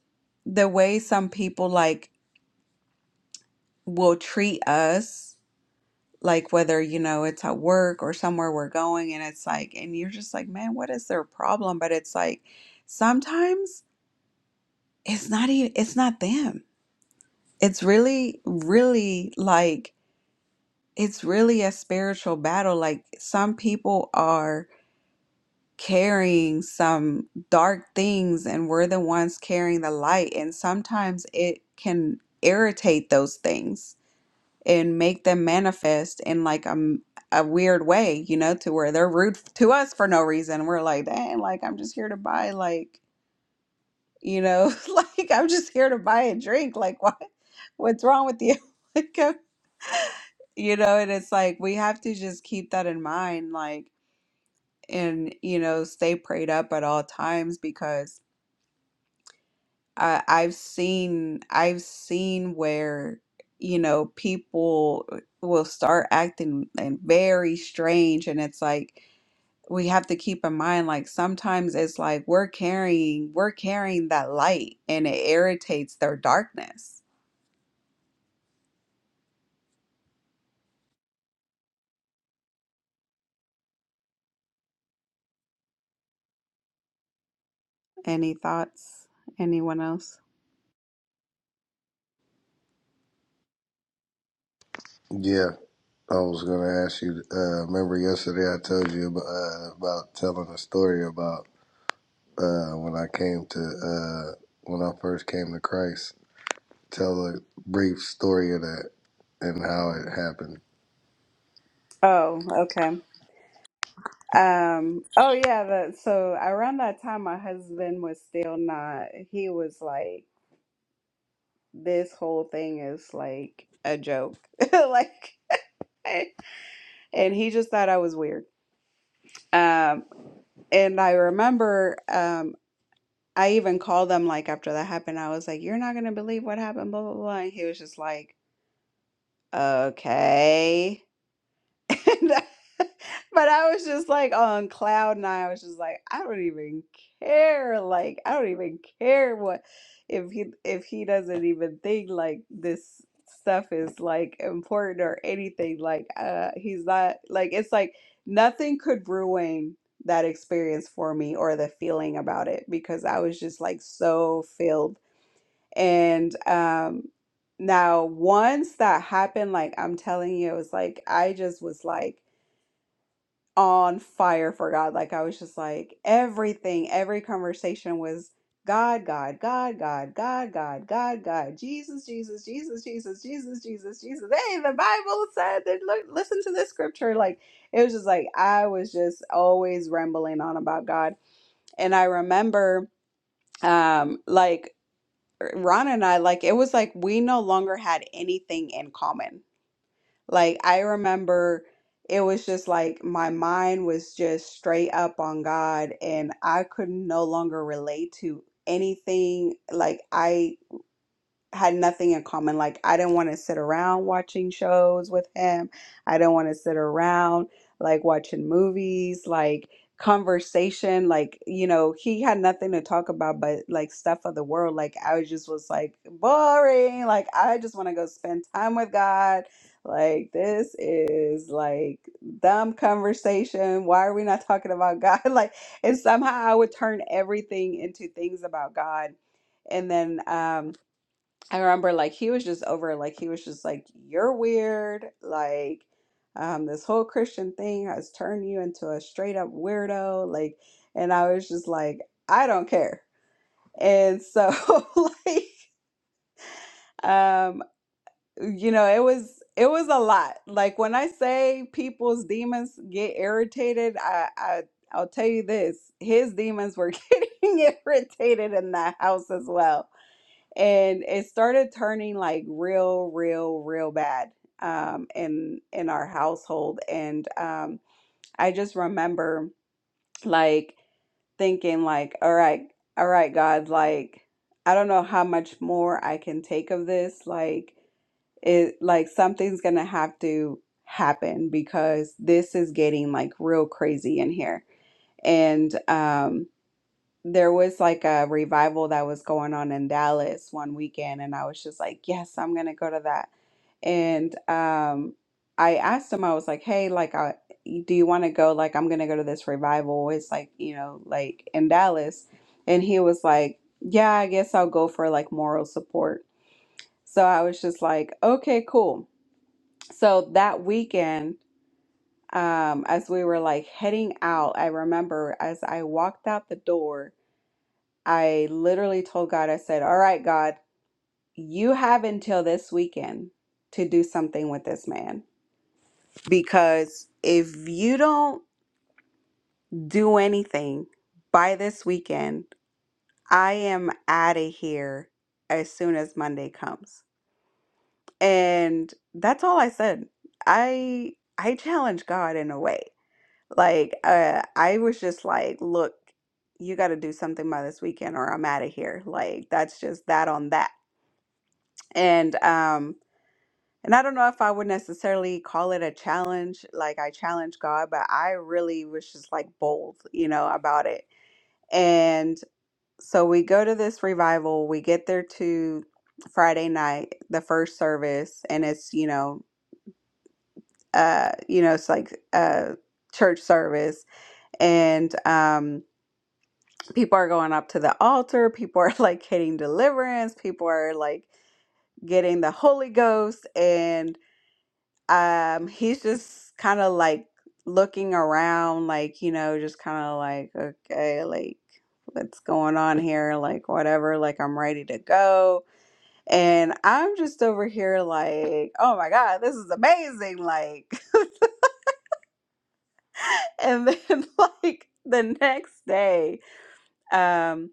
the way some people like will treat us, like whether, you know, it's at work or somewhere we're going, and it's like, and you're just like, man, what is their problem? But it's like sometimes it's not even, it's not them. It's really, really like, it's really a spiritual battle. Like, some people are. carrying some dark things and we're the ones carrying the light. And sometimes it can irritate those things and make them manifest in like a, m- a weird way, you know, to where they're rude to us for no reason. We're like, dang, like I'm just here to buy, like, you know, like I'm just here to buy a drink. Like, what? What's wrong with you? Like, uh, you know, and it's like we have to just keep that in mind. Like, and you know stay prayed up at all times because. I, I've seen I've seen where you know people uh, will start acting and very strange and it's like we have to keep in mind like sometimes it's like we're carrying we're carrying that light and it irritates their darkness. Any thoughts? Anyone else? Yeah, I was going to ask you. Uh, remember yesterday I told you about, uh, about telling a story about uh, when I came to uh, when I first came to Christ. Tell a brief story of that and how it happened. Oh, okay. Um, oh yeah, that so around that time my husband was still not he was like this whole thing is like a joke. like, eh, and he just thought I was weird. Um, and I remember, um, I even called them like after that happened. I was like, "You're not gonna believe what happened," blah blah blah. And he was just like, "Okay." And I- but I was just like on cloud nine. I was just like, I don't even care. Like, I don't even care what if he if he doesn't even think like this stuff is like important or anything. Like, uh, he's not like it's like nothing could ruin that experience for me or the feeling about it because I was just like so filled. And um, now once that happened, like I'm telling you, it was like I just was like on fire for God. Like I was just like everything, every conversation was God, God, God, God, God, God, God, God, Jesus, Jesus, Jesus, Jesus, Jesus, Jesus, Jesus. Hey, the Bible said that look listen to this scripture. Like it was just like I was just always rambling on about God. And I remember um like Ron and I like it was like we no longer had anything in common like I remember it was just like my mind was just straight up on God and I could no longer relate to anything. Like I had nothing in common. Like I didn't want to sit around watching shows with him. I didn't want to sit around like watching movies, like conversation, like you know, he had nothing to talk about but like stuff of the world. Like I was just was like boring. Like I just want to go spend time with God. Like this is like dumb conversation. Why are we not talking about God? Like and somehow I would turn everything into things about God. And then um I remember like he was just over it, like he was just like you're weird like um this whole Christian thing has turned you into a straight up weirdo like and I was just like I don't care and so like um you know it was it was a lot like when I say people's demons get irritated I I I'll tell you this his demons were getting irritated in that house as well and it started turning like real real real bad um in in our household and um i just remember like thinking like all right all right god like i don't know how much more i can take of this like it like something's gonna have to happen because this is getting like real crazy in here and um there was like a revival that was going on in Dallas one weekend, and I was just like, yes, I'm gonna go to that. And um, I asked him, I was like, hey, like, I, do you want to go? Like, I'm gonna go to this revival. It's like, you know, like in Dallas. And he was like, yeah, I guess I'll go for like moral support. So I was just like, okay, cool. So that weekend, um, as we were like heading out, I remember as I walked out the door. I literally told God, I said, All right, God, you have until this weekend to do something with this man. Because if you don't do anything by this weekend, I am out of here as soon as Monday comes. And that's all I said. I I challenged God in a way. Like uh, I was just like, look, you got to do something by this weekend or I'm out of here. Like that's just that on that. And um And I don't know if I would necessarily call it a challenge, like I challenge God, but I really was just like bold, you know, about it. And so we go to this revival, we get there to Friday night, the first service, and it's, you know, uh, you know, it's like a church service and um people are going up to the altar, people are like getting deliverance, people are like getting the Holy Ghost um he's just kind of like looking around like you know just kind of like okay like what's going on here like whatever like i'm ready to go and i'm just over here like oh my god this is amazing like and then like the next day um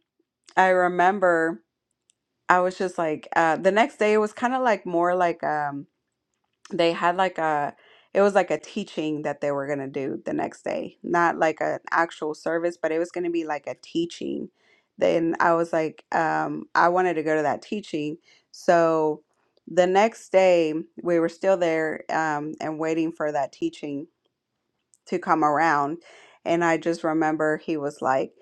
i remember i was just like uh the next day it was kind of like more like um they had like a it was like a teaching that they were going to do the next day not like an actual service but it was going to be like a teaching then i was like um i wanted to go to that teaching so the next day we were still there um and waiting for that teaching to come around and i just remember he was like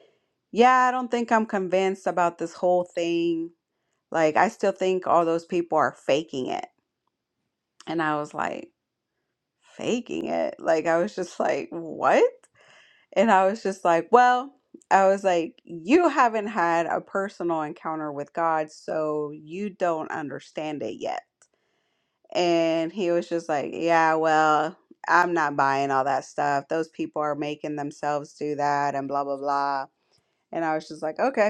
yeah, I don't think I'm convinced about this whole thing. Like, I still think all those people are faking it. And I was like, faking it. Like I was just like, what? And I was just like, well, I was like, you haven't had a personal encounter with God, so you don't understand it yet. And he was just like, yeah, well, I'm not buying all that stuff. Those people are making themselves do that and blah, blah, blah. And I was just like, okay.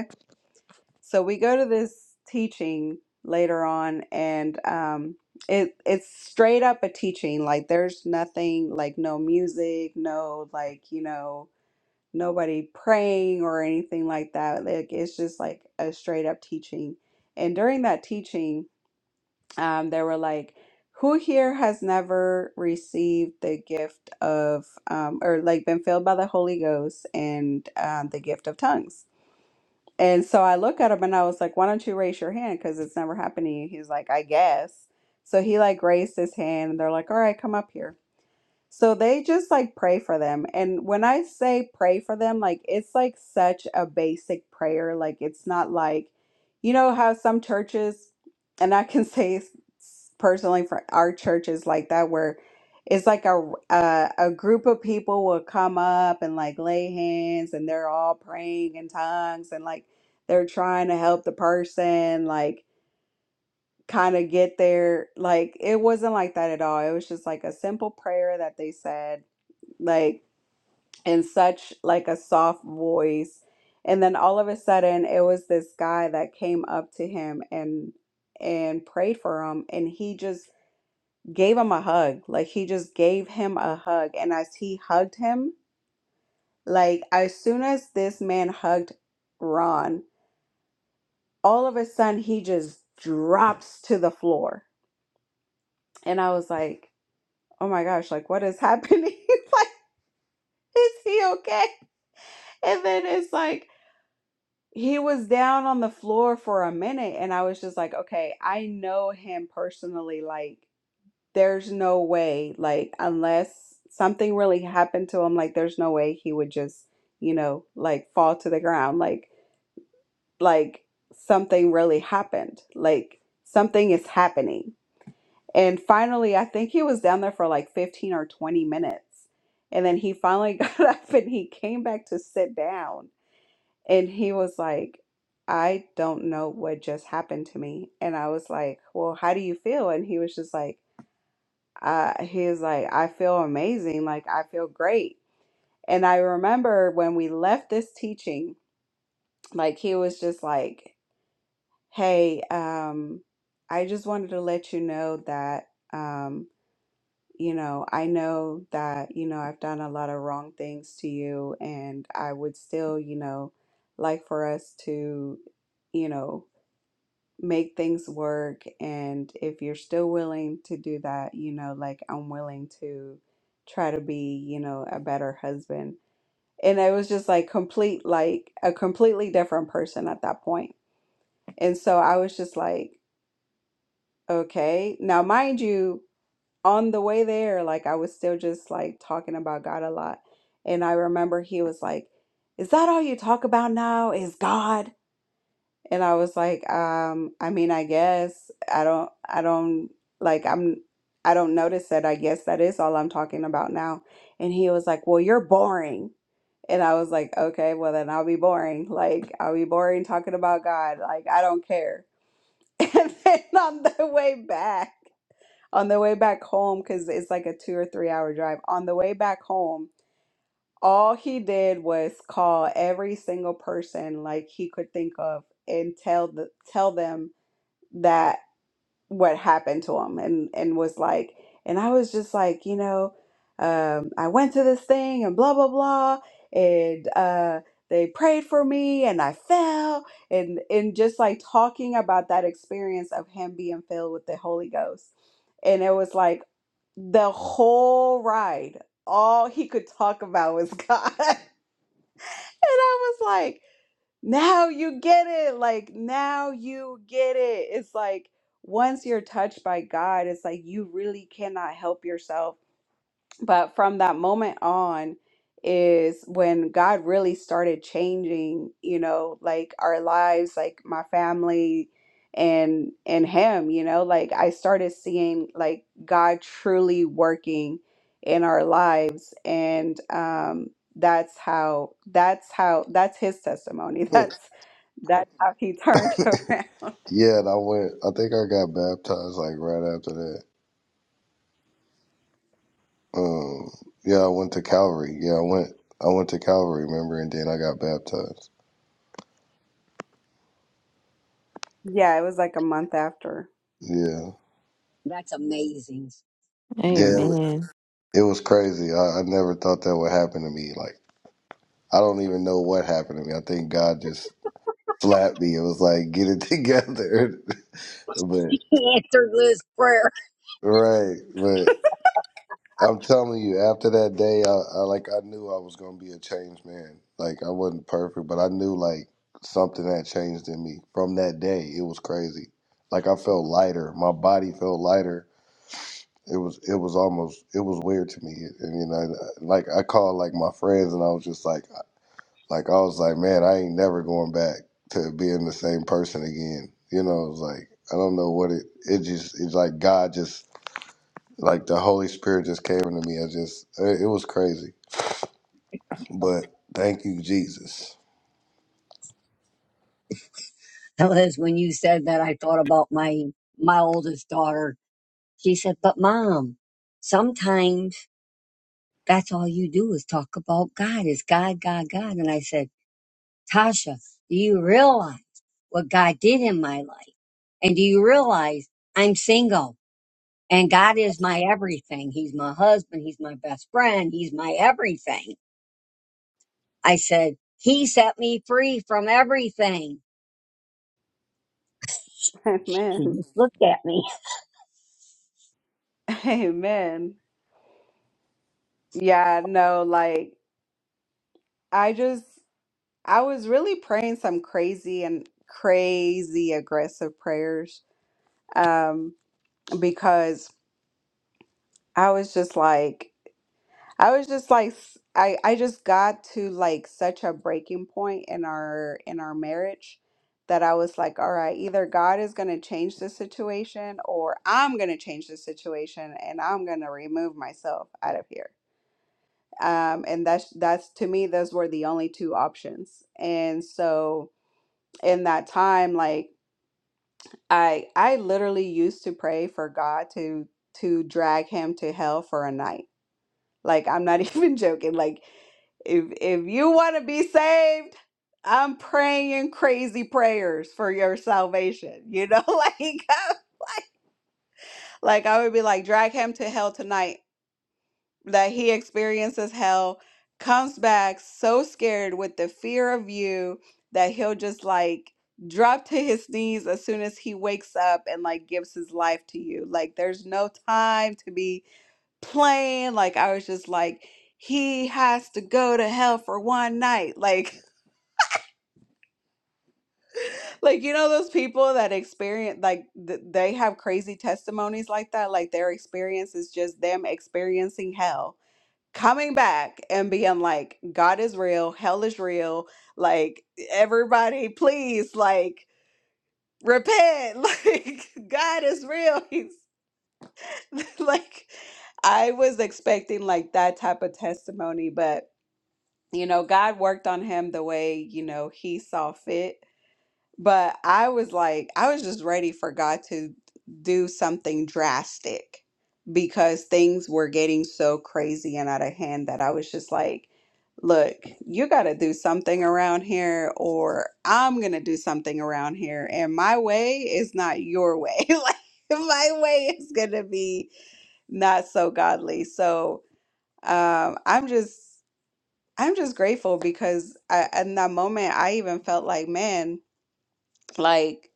So we go to this teaching later on, and um, it it's straight up a teaching. Like there's nothing, like no music, no like you know nobody praying or anything like that. Like it's just like a straight up teaching. And during that teaching, um, they were like, "Who here has never received the gift of, um, or like been filled by the Holy Ghost and um, the gift of tongues?" And so I look at him and I was like, why don't you raise your hand? Because it's never happening. He's like, I guess. So he like raised his hand and they're like, all right, come up here. So they just like pray for them. And when I say pray for them, like it's like such a basic prayer. Like it's not like, you know, how some churches, and I can say s- personally for our church is like that, where it's like a, a a group of people will come up and like lay hands and they're all praying in tongues and like they're trying to help the person like kind of get there. Like it wasn't like that at all. It was just like a simple prayer that they said like in such like a soft voice and then all of a sudden it was this guy that came up to him and and prayed for him and he just gave him a hug like he just gave him a hug and as he hugged him like as soon as this man hugged Ron all of a sudden he just drops to the floor and I was like oh my gosh like what is happening like is he okay and then it's like he was down on the floor for a minute and I was just like, okay, I know him personally. Like, there's no way, like, unless something really happened to him, like, there's no way he would just, you know, like fall to the ground. Like, like something really happened. Like, something is happening. And finally, I think he was down there for like 15 or 20 minutes. And then he finally got up and he came back to sit down and he was like, I don't know what just happened to me. And I was like, Well, how do you feel? And he was just like, uh, he was like, I feel amazing. Like, I feel great. And I remember when we left this teaching, like, he was just like, Hey, um, I just wanted to let you know that, um, you know, I know that, you know, I've done a lot of wrong things to you, and I would still, you know, like for us to, you know, make things work. And if you're still willing to do that, you know, like I'm willing to try to be, you know, a better husband. And I was just like complete, like a completely different person at that point. And so I was just like, okay. Now, mind you, on the way there, like I was still just like talking about God a lot. And I remember he was like, Is that all you talk about now? Is God? And I was like, um, I mean, I guess I don't, I don't like, I'm, I don't notice it. I guess that is all I'm talking about now. And he was like, Well, you're boring. And I was like, Okay, well, then I'll be boring. Like, I'll be boring talking about God. Like, I don't care. And then on the way back, on the way back home, because it's like a two or three hour drive, on the way back home, all he did was call every single person like he could think of and tell the tell them that what happened to him and and was like and I was just like, you know, um, I went to this thing and blah blah blah and uh they prayed for me and I fell and and just like talking about that experience of him being filled with the Holy Ghost. And it was like the whole ride, all he could talk about was God. And I was like, now you get it like now you get it it's like once you're touched by god it's like you really cannot help yourself but from that moment on is when god really started changing you know like our lives like my family and and him you know like i started seeing like god truly working in our lives and um that's how that's how that's his testimony that's that's how he turned around. yeah, and I went. I think I got baptized like right after that. Um, yeah, I went to Calvary. Yeah, I went. I went to Calvary, remember, and then I got baptized. Yeah, it was like a month after. Yeah, That's amazing. yeah, it was Amen. it was crazy. I, I never thought that would happen to me. Like, I don't even know what happened to me. I think God just slapped me. It was like, get it together. but He Answered Liz's prayer. right, but I'm telling you, after that day, I, I like I knew I was gonna be a changed man. Like I wasn't perfect, but I knew like something had changed in me from that day. It was crazy. Like I felt lighter. My body felt lighter. It was it was almost it was weird to me. And you know, like I called like my friends, and I was just like, like I was like, man, I ain't never going back to being the same person again. You know, it was like I don't know what it. It just it's like God just like the Holy Spirit just came into me. I just, it, it was crazy. But thank you, Jesus. Liz, when you said that, I thought about my, my oldest daughter. She said, but mom, sometimes That's all you do is talk about God. It's God, God, God. And I said, Tasha, do you realize what God did in my life? And do you realize I'm single and God is my everything? He's my husband. He's my best friend. He's my everything. I said, he set me free from everything. She Amen. just looked at me. Amen. Yeah, no, like I just I was really praying some crazy and crazy aggressive prayers. Um, because I was just like I was just like s- I I just got to like such a breaking point in our in our marriage that I was like, all right, either God is going to change the situation or I'm going to change the situation and I'm going to remove myself out of here. Um and that's that's to me those were the only two options. And so in that time like I I literally used to pray for God to to drag him to hell for a night like I'm not even joking. Like if if you want to be saved, I'm praying crazy prayers for your salvation. You know, like like I would be like drag him to hell tonight that he experiences hell, comes back so scared with the fear of you that he'll just like drop to his knees as soon as he wakes up and like gives his life to you. Like there's no time to be playing. Like I was just like, he has to go to hell for one night. Like, like you know those people that experience like th- they have crazy testimonies like that. Like their experience is just them experiencing hell, coming back and being like, God is real, hell is real. Like everybody, please, like repent. Like God is real. He's like. I was expecting like that type of testimony, but you know, God worked on him the way, you know, he saw fit. But I was like, I was just ready for God to do something drastic because things were getting so crazy and out of hand that I was just like, look, you got to do something around here, or I'm going to do something around here. And my way is not your way. Like, my way is going to be not so godly. So, um, I'm just I'm just grateful because I, in that moment, I even felt like, man, like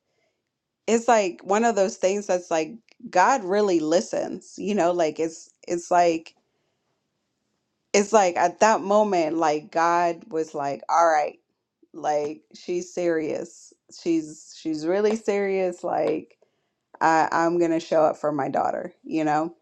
it's like one of those things that's like God really listens, you know, like it's it's like it's like at that moment, like God was like, all right, like she's serious. She's she's really serious. Like I, I'm gonna show up for my daughter, you know.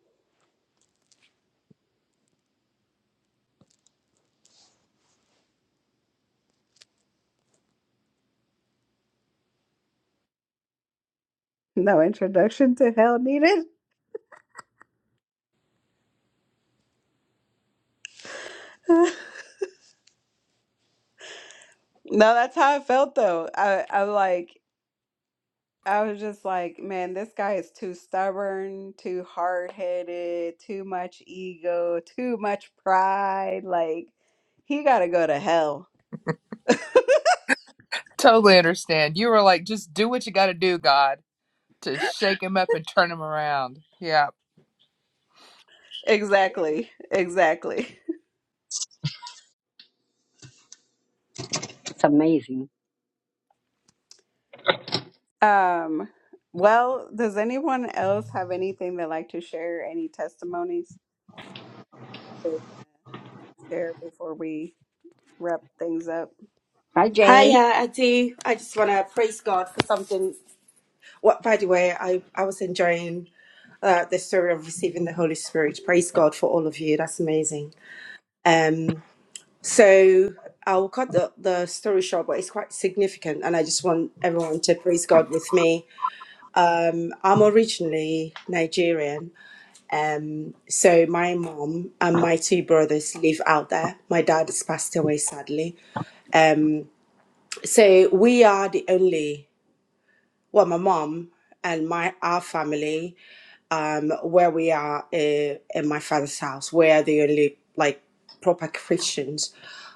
No introduction to hell needed. No, that's how I felt though. I, I'm like, I was just like, man, this guy is too stubborn, too hard-headed, too much ego, too much pride. Like, he got to go to hell. Totally understand. You were like, just do what you got to do, God, to shake him up and turn him around. Yeah. Exactly. Exactly. It's amazing. Um, well, does anyone else have anything they'd like to share? Any testimonies they want to share before we wrap things up? Hi, Hi, Jane. uh, I do. I just want to praise God for something. What, by the way, I, I was enjoying uh, the story of receiving the Holy Spirit. Praise God for all of you. That's amazing. Um, so I'll cut the, the story short, but it's quite significant, and I just want everyone to praise God with me. I'm originally Nigerian, um, so my mom and my two brothers live out there. My dad has passed away sadly, Um, so we are the only well, my mom and my our family, um, where we are uh, in my father's house, we are the only like proper Christians.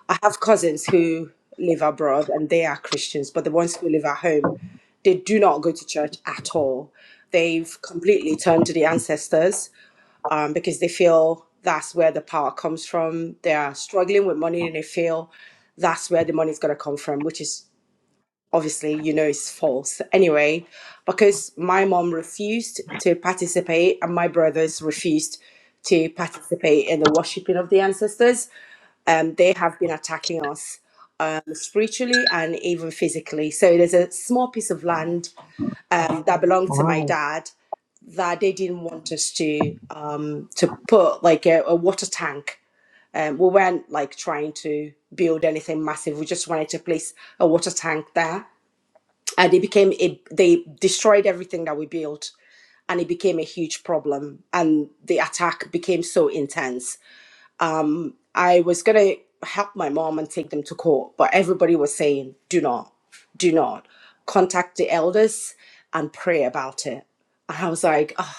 I have cousins who live abroad and they are Christians, but the ones who live at home, they do not go to church at all. They've completely turned to the ancestors um, because they feel that's where the power comes from. They are struggling with money and they feel that's where the money's going to come from, which is obviously you know it's false anyway because my mom refused to participate and my brothers refused to participate in the worshipping of the ancestors um, they have been attacking us um, spiritually and even physically so there's a small piece of land um, that belonged to my Wow. dad that they didn't want us to um, to put like a, a water tank um, we weren't like trying to build anything massive we just wanted to place a water tank there and it became a they destroyed everything that we built and it became a huge problem and the attack became so intense I was gonna help my mom and take them to court, but everybody was saying, do not, do not contact the elders and pray about it. And I was like, oh,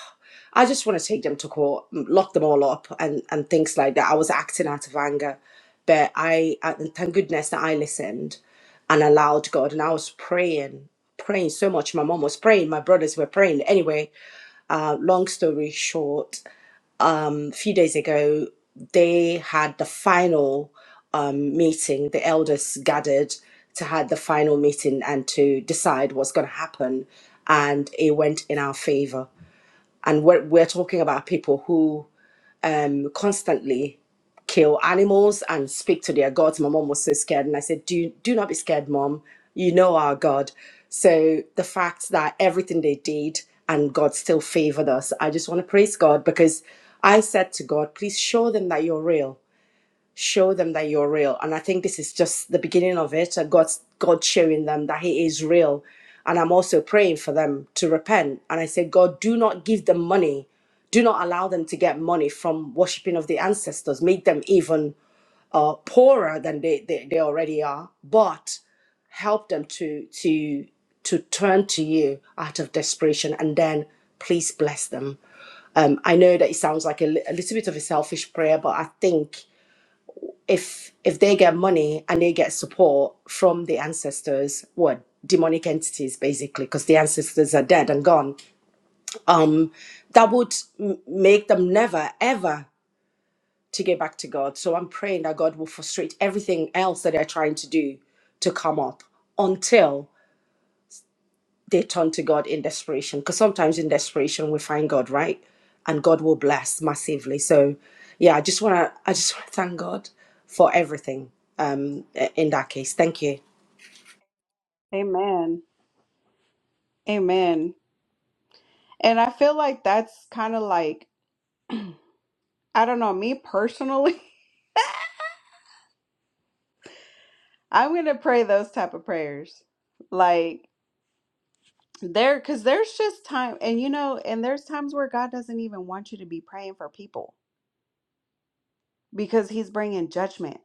I just want to take them to court, m- lock them all up, and and things like that. I was acting out of anger, but I and thank goodness that I listened and allowed God, and I was praying, praying so much. My mom was praying, my brothers were praying. Anyway, uh, long story short, um, a few days ago, they had the final um, meeting. The elders gathered to had the final meeting and to decide what's going to happen, and it went in our favor and we're, we're talking about people who um, constantly kill animals and speak to their gods. My mom was so scared, and I said, "Do do not be scared, mom. You know our God." So the fact that everything they did and God still favored us, I just want to praise God because I said to God, "Please show them that you're real." show them that you're real and i think this is just the beginning of it uh, god's god showing them that he is real and i'm also praying for them to repent and i say god do not give them money do not allow them to get money from worshipping of the ancestors make them even uh, poorer than they, they, they already are but help them to to to turn to you out of desperation and then please bless them um, i know that it sounds like a, li- a little bit of a selfish prayer but i think if if they get money and they get support from the ancestors what demonic entities basically because the ancestors are dead and gone um that would m- make them never ever to get back to god so i'm praying that god will frustrate everything else that they're trying to do to come up until they turn to God in desperation because sometimes in desperation we find God, right? And God will bless massively. So, yeah, I just want to I just want to thank God for everything. Um, in that case, thank you. Amen. Amen. And I feel like that's kind of like, I don't know, me personally. I'm gonna pray those type of prayers. Like there because there's just time and you know, and there's times where God doesn't even want you to be praying for people because he's bringing judgment.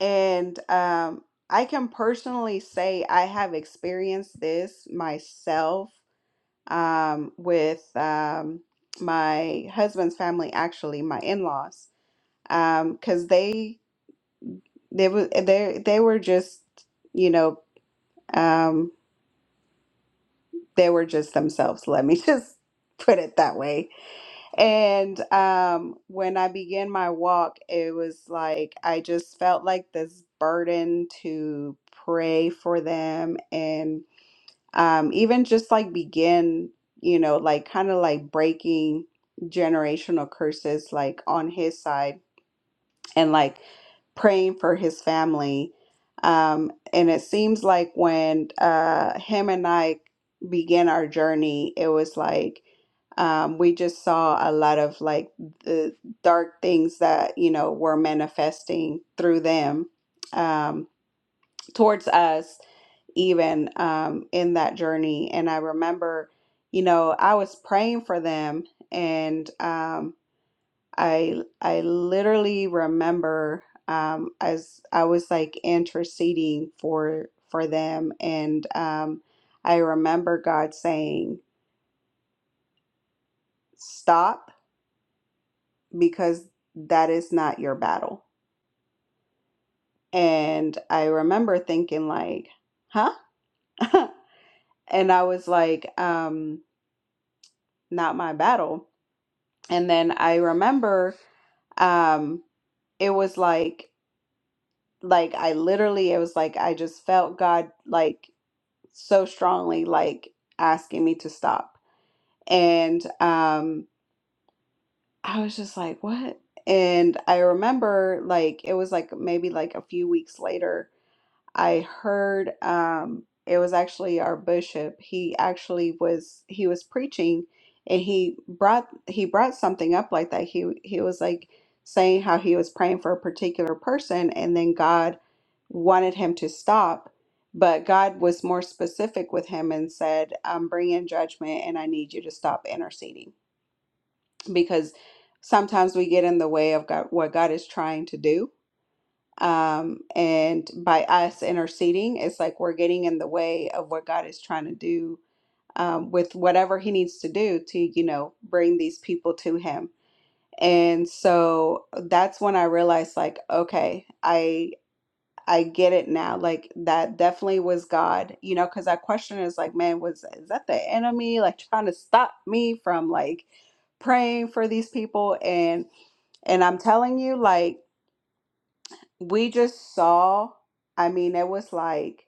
And um I can personally say I have experienced this myself um with um my husband's family actually, my in-laws. Um cuz they they were they they were just, you know, um. they were just themselves. Let me just put it that way. And um, when I began my walk, it was like I just felt like this burden to pray for them and um, even just like begin, you know, like kind of like breaking generational curses like on his side and like praying for his family. Um, and it seems like when uh, him and I began our journey, it was like um, we just saw a lot of like the dark things that, you know, were manifesting through them um, towards us, even um, in that journey. And I remember, you know, I was praying for them and, um, I I literally remember um, as I was like interceding for for them, and um, I remember God saying, "Stop," because that is not your battle. And I remember thinking like, "Huh?" and I was like, um, "Not my battle." And then I remember um, it was like like I literally it was like I just felt God like so strongly like asking me to stop and um i was just like what and i remember like it was like maybe like a few weeks later I heard um, it was actually our bishop. He actually was he was preaching, and he brought he brought something up like that. He he was like saying how he was praying for a particular person, and then God wanted him to stop, but God was more specific with him and said, "I'm bringing judgment, and I need you to stop interceding because." Sometimes we get in the way of God, what God is trying to do um, and by us interceding, it's like we're getting in the way of what God is trying to do um, with whatever He needs to do to, you know, bring these people to Him. And so that's when I realized, like, okay, I I get it now. Like that definitely was God, you know, because I question is like, man, was is that the enemy like trying to stop me from like praying for these people? And and I'm telling you, like we just saw i mean it was like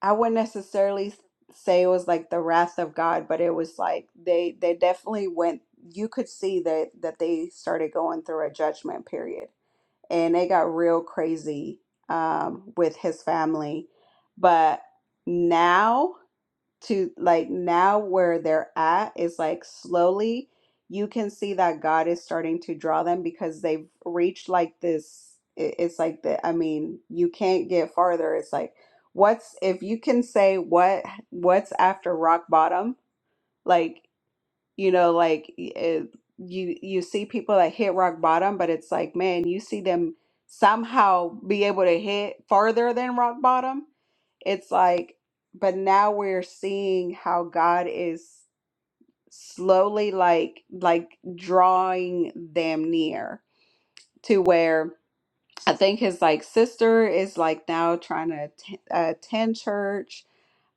i wouldn't necessarily say it was like the wrath of god but it was like they they definitely went you could see that that they started going through a judgment period and it got real crazy um with his family but now to like now where they're at is like slowly you can see that God is starting to draw them because they've reached like this i- it's like the I mean you can't get farther it's like what's if you can say what what's after rock bottom like you know like it, you you see people that hit rock bottom but it's like man you see them somehow be able to hit farther than rock bottom it's like but now we're seeing how god is slowly like like drawing them near to where i think his like sister is like now trying to attend, attend church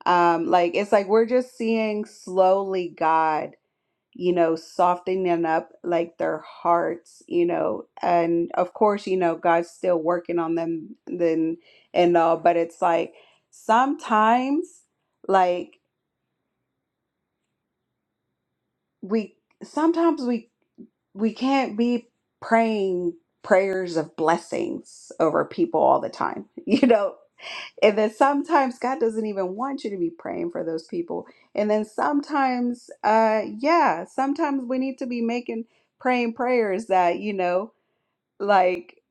um like it's like we're just seeing slowly god you know, softening up like their hearts, you know, and of course, you know, God's still working on them then and all, but it's like sometimes like we sometimes we we can't be praying prayers of blessings over people all the time. You know, And then sometimes God doesn't even want you to be praying for those people. And then sometimes, uh, yeah, sometimes we need to be making praying prayers that, you know, like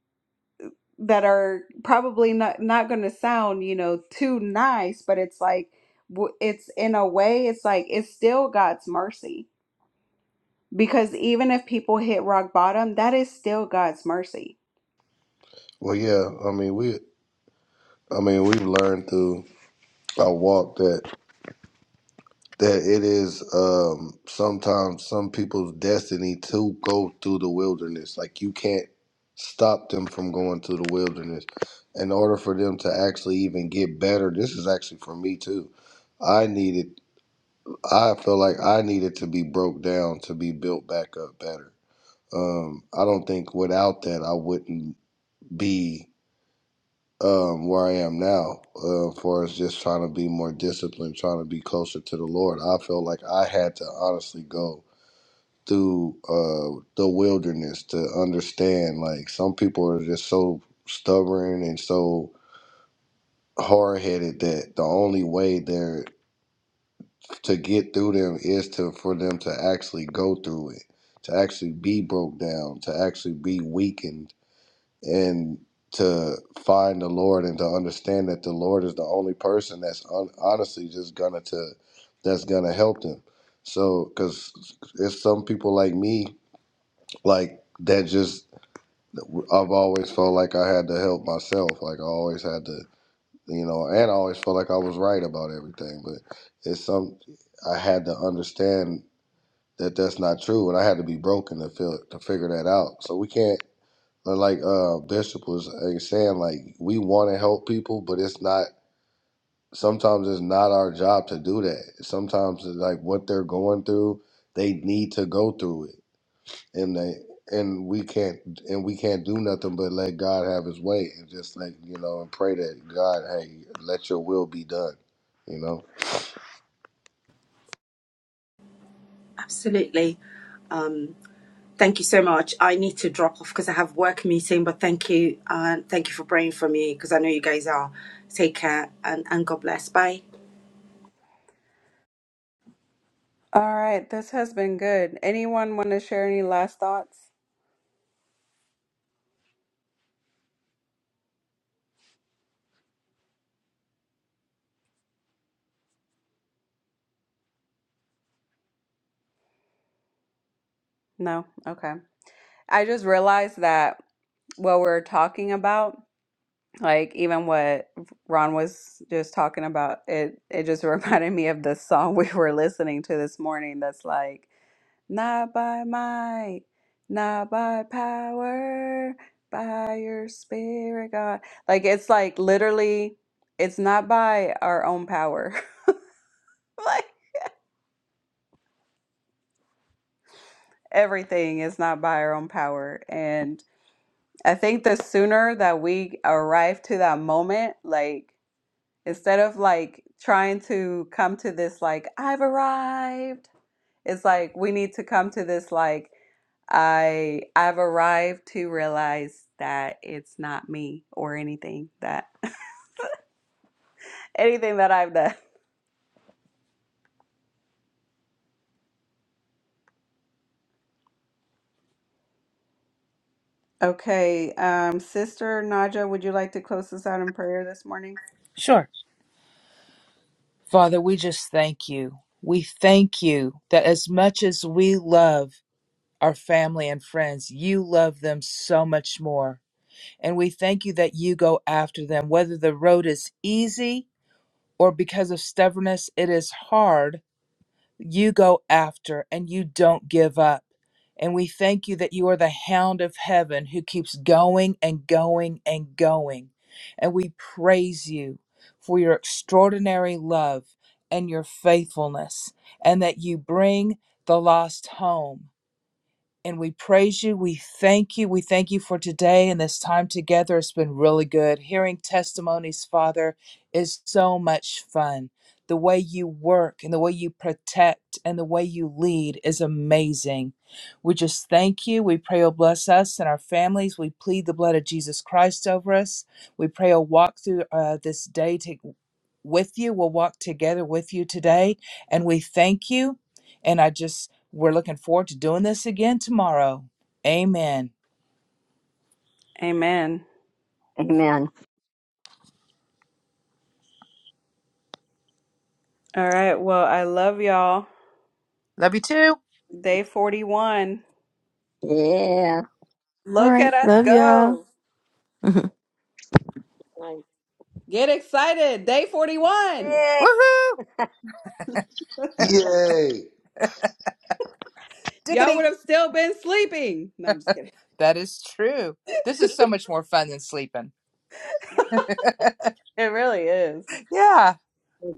that are probably not not going to sound, you know, too nice, but it's like w- it's in a way it's like it's still God's mercy because even if people hit rock bottom, that is still God's mercy Well, yeah. I mean, we, I mean, we've learned through our walk that that it is um sometimes some people's destiny to go through the wilderness. Like you can't stop them from going through the wilderness. In order for them to actually even get better, this is actually for me too. I needed I feel like I needed to be broke down to be built back up better Um, I don't think without that I wouldn't be um, where I am now. Uh, as far as just trying to be more disciplined, trying to be closer to the Lord, I felt like I had to honestly go through uh, the wilderness to understand. Like some people are just so stubborn and so hard headed that the only way there to get through them is to for them to actually go through it, to actually be broke down, to actually be weakened and to find the Lord and to understand that the Lord is the only person that's un- honestly just gonna to that's gonna help them. So, because it's some people like me, like that, just I've always felt like I had to help myself. Like I always had to, you know, and I always felt like I was right about everything. But it's some I had to understand that that's not true, and I had to be broken to feel to figure that out. So we can't. But like uh Bishop was uh, saying, like we want to help people, but it's not. Sometimes it's not our job to do that. Sometimes it's like what they're going through, they need to go through it, and they and we can't and we can't do nothing but let God have His way and just like you know and pray that God, hey, let Your will be done. You know. Absolutely. Um, thank you so much. I need to drop off because I have work meeting, but thank you. Uh, thank you for praying for me because I know you guys are. Take care and, and God bless. Bye. all right, this has been good. Anyone want to share any last thoughts? No? Okay. I just realized that what we're talking about. Like even what Ron was just talking about, it it just reminded me of the song we were listening to this morning that's like Not by might, not by power, by your spirit, God. Like it's like literally, it's not by our own power. Like everything is not by our own power. And I think the sooner that we arrive to that moment, like Instead of like trying to come to this, like, I've arrived, it's like we need to come to this, like, I I've arrived to realize that it's not me or anything that anything that I've done. Okay, um, Sister Naja, would you like to close us out in prayer this morning? Sure. Father, we just thank you. We thank you that as much as we love our family and friends, you love them so much more. And we thank you that you go after them, whether the road is easy or because of stubbornness, it is hard, you go after and you don't give up. And we thank you that you are the hound of heaven who keeps going and going and going. And we praise you for your extraordinary love and your faithfulness, and that you bring the lost home and we praise you. We thank you. We thank you for today and this time together. It's been really good. Hearing testimonies, Father, is so much fun. The way you work and the way you protect and the way you lead is amazing. We just thank you. We pray you bless us and our families. We plead the blood of Jesus Christ over us. We pray you walk through uh, this day to with you. We'll walk together with you today. And we thank you. And I just, we're looking forward to doing this again tomorrow. Amen. Amen. Amen. All right. Well, I love y'all. Love you too. Day 41. Yeah. All Look at right. us Love y'all. go. Right. Get excited. Day Yeah. 41. I Woohoo! Yay! Y'all would Diggity. have still been sleeping. No, I'm just kidding. That is true. This is so much more fun than sleeping. It really is. Yeah.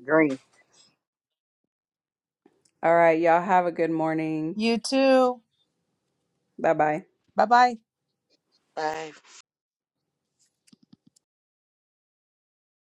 agree. All right, y'all have a good morning. You too. Bye bye. Bye bye. Bye.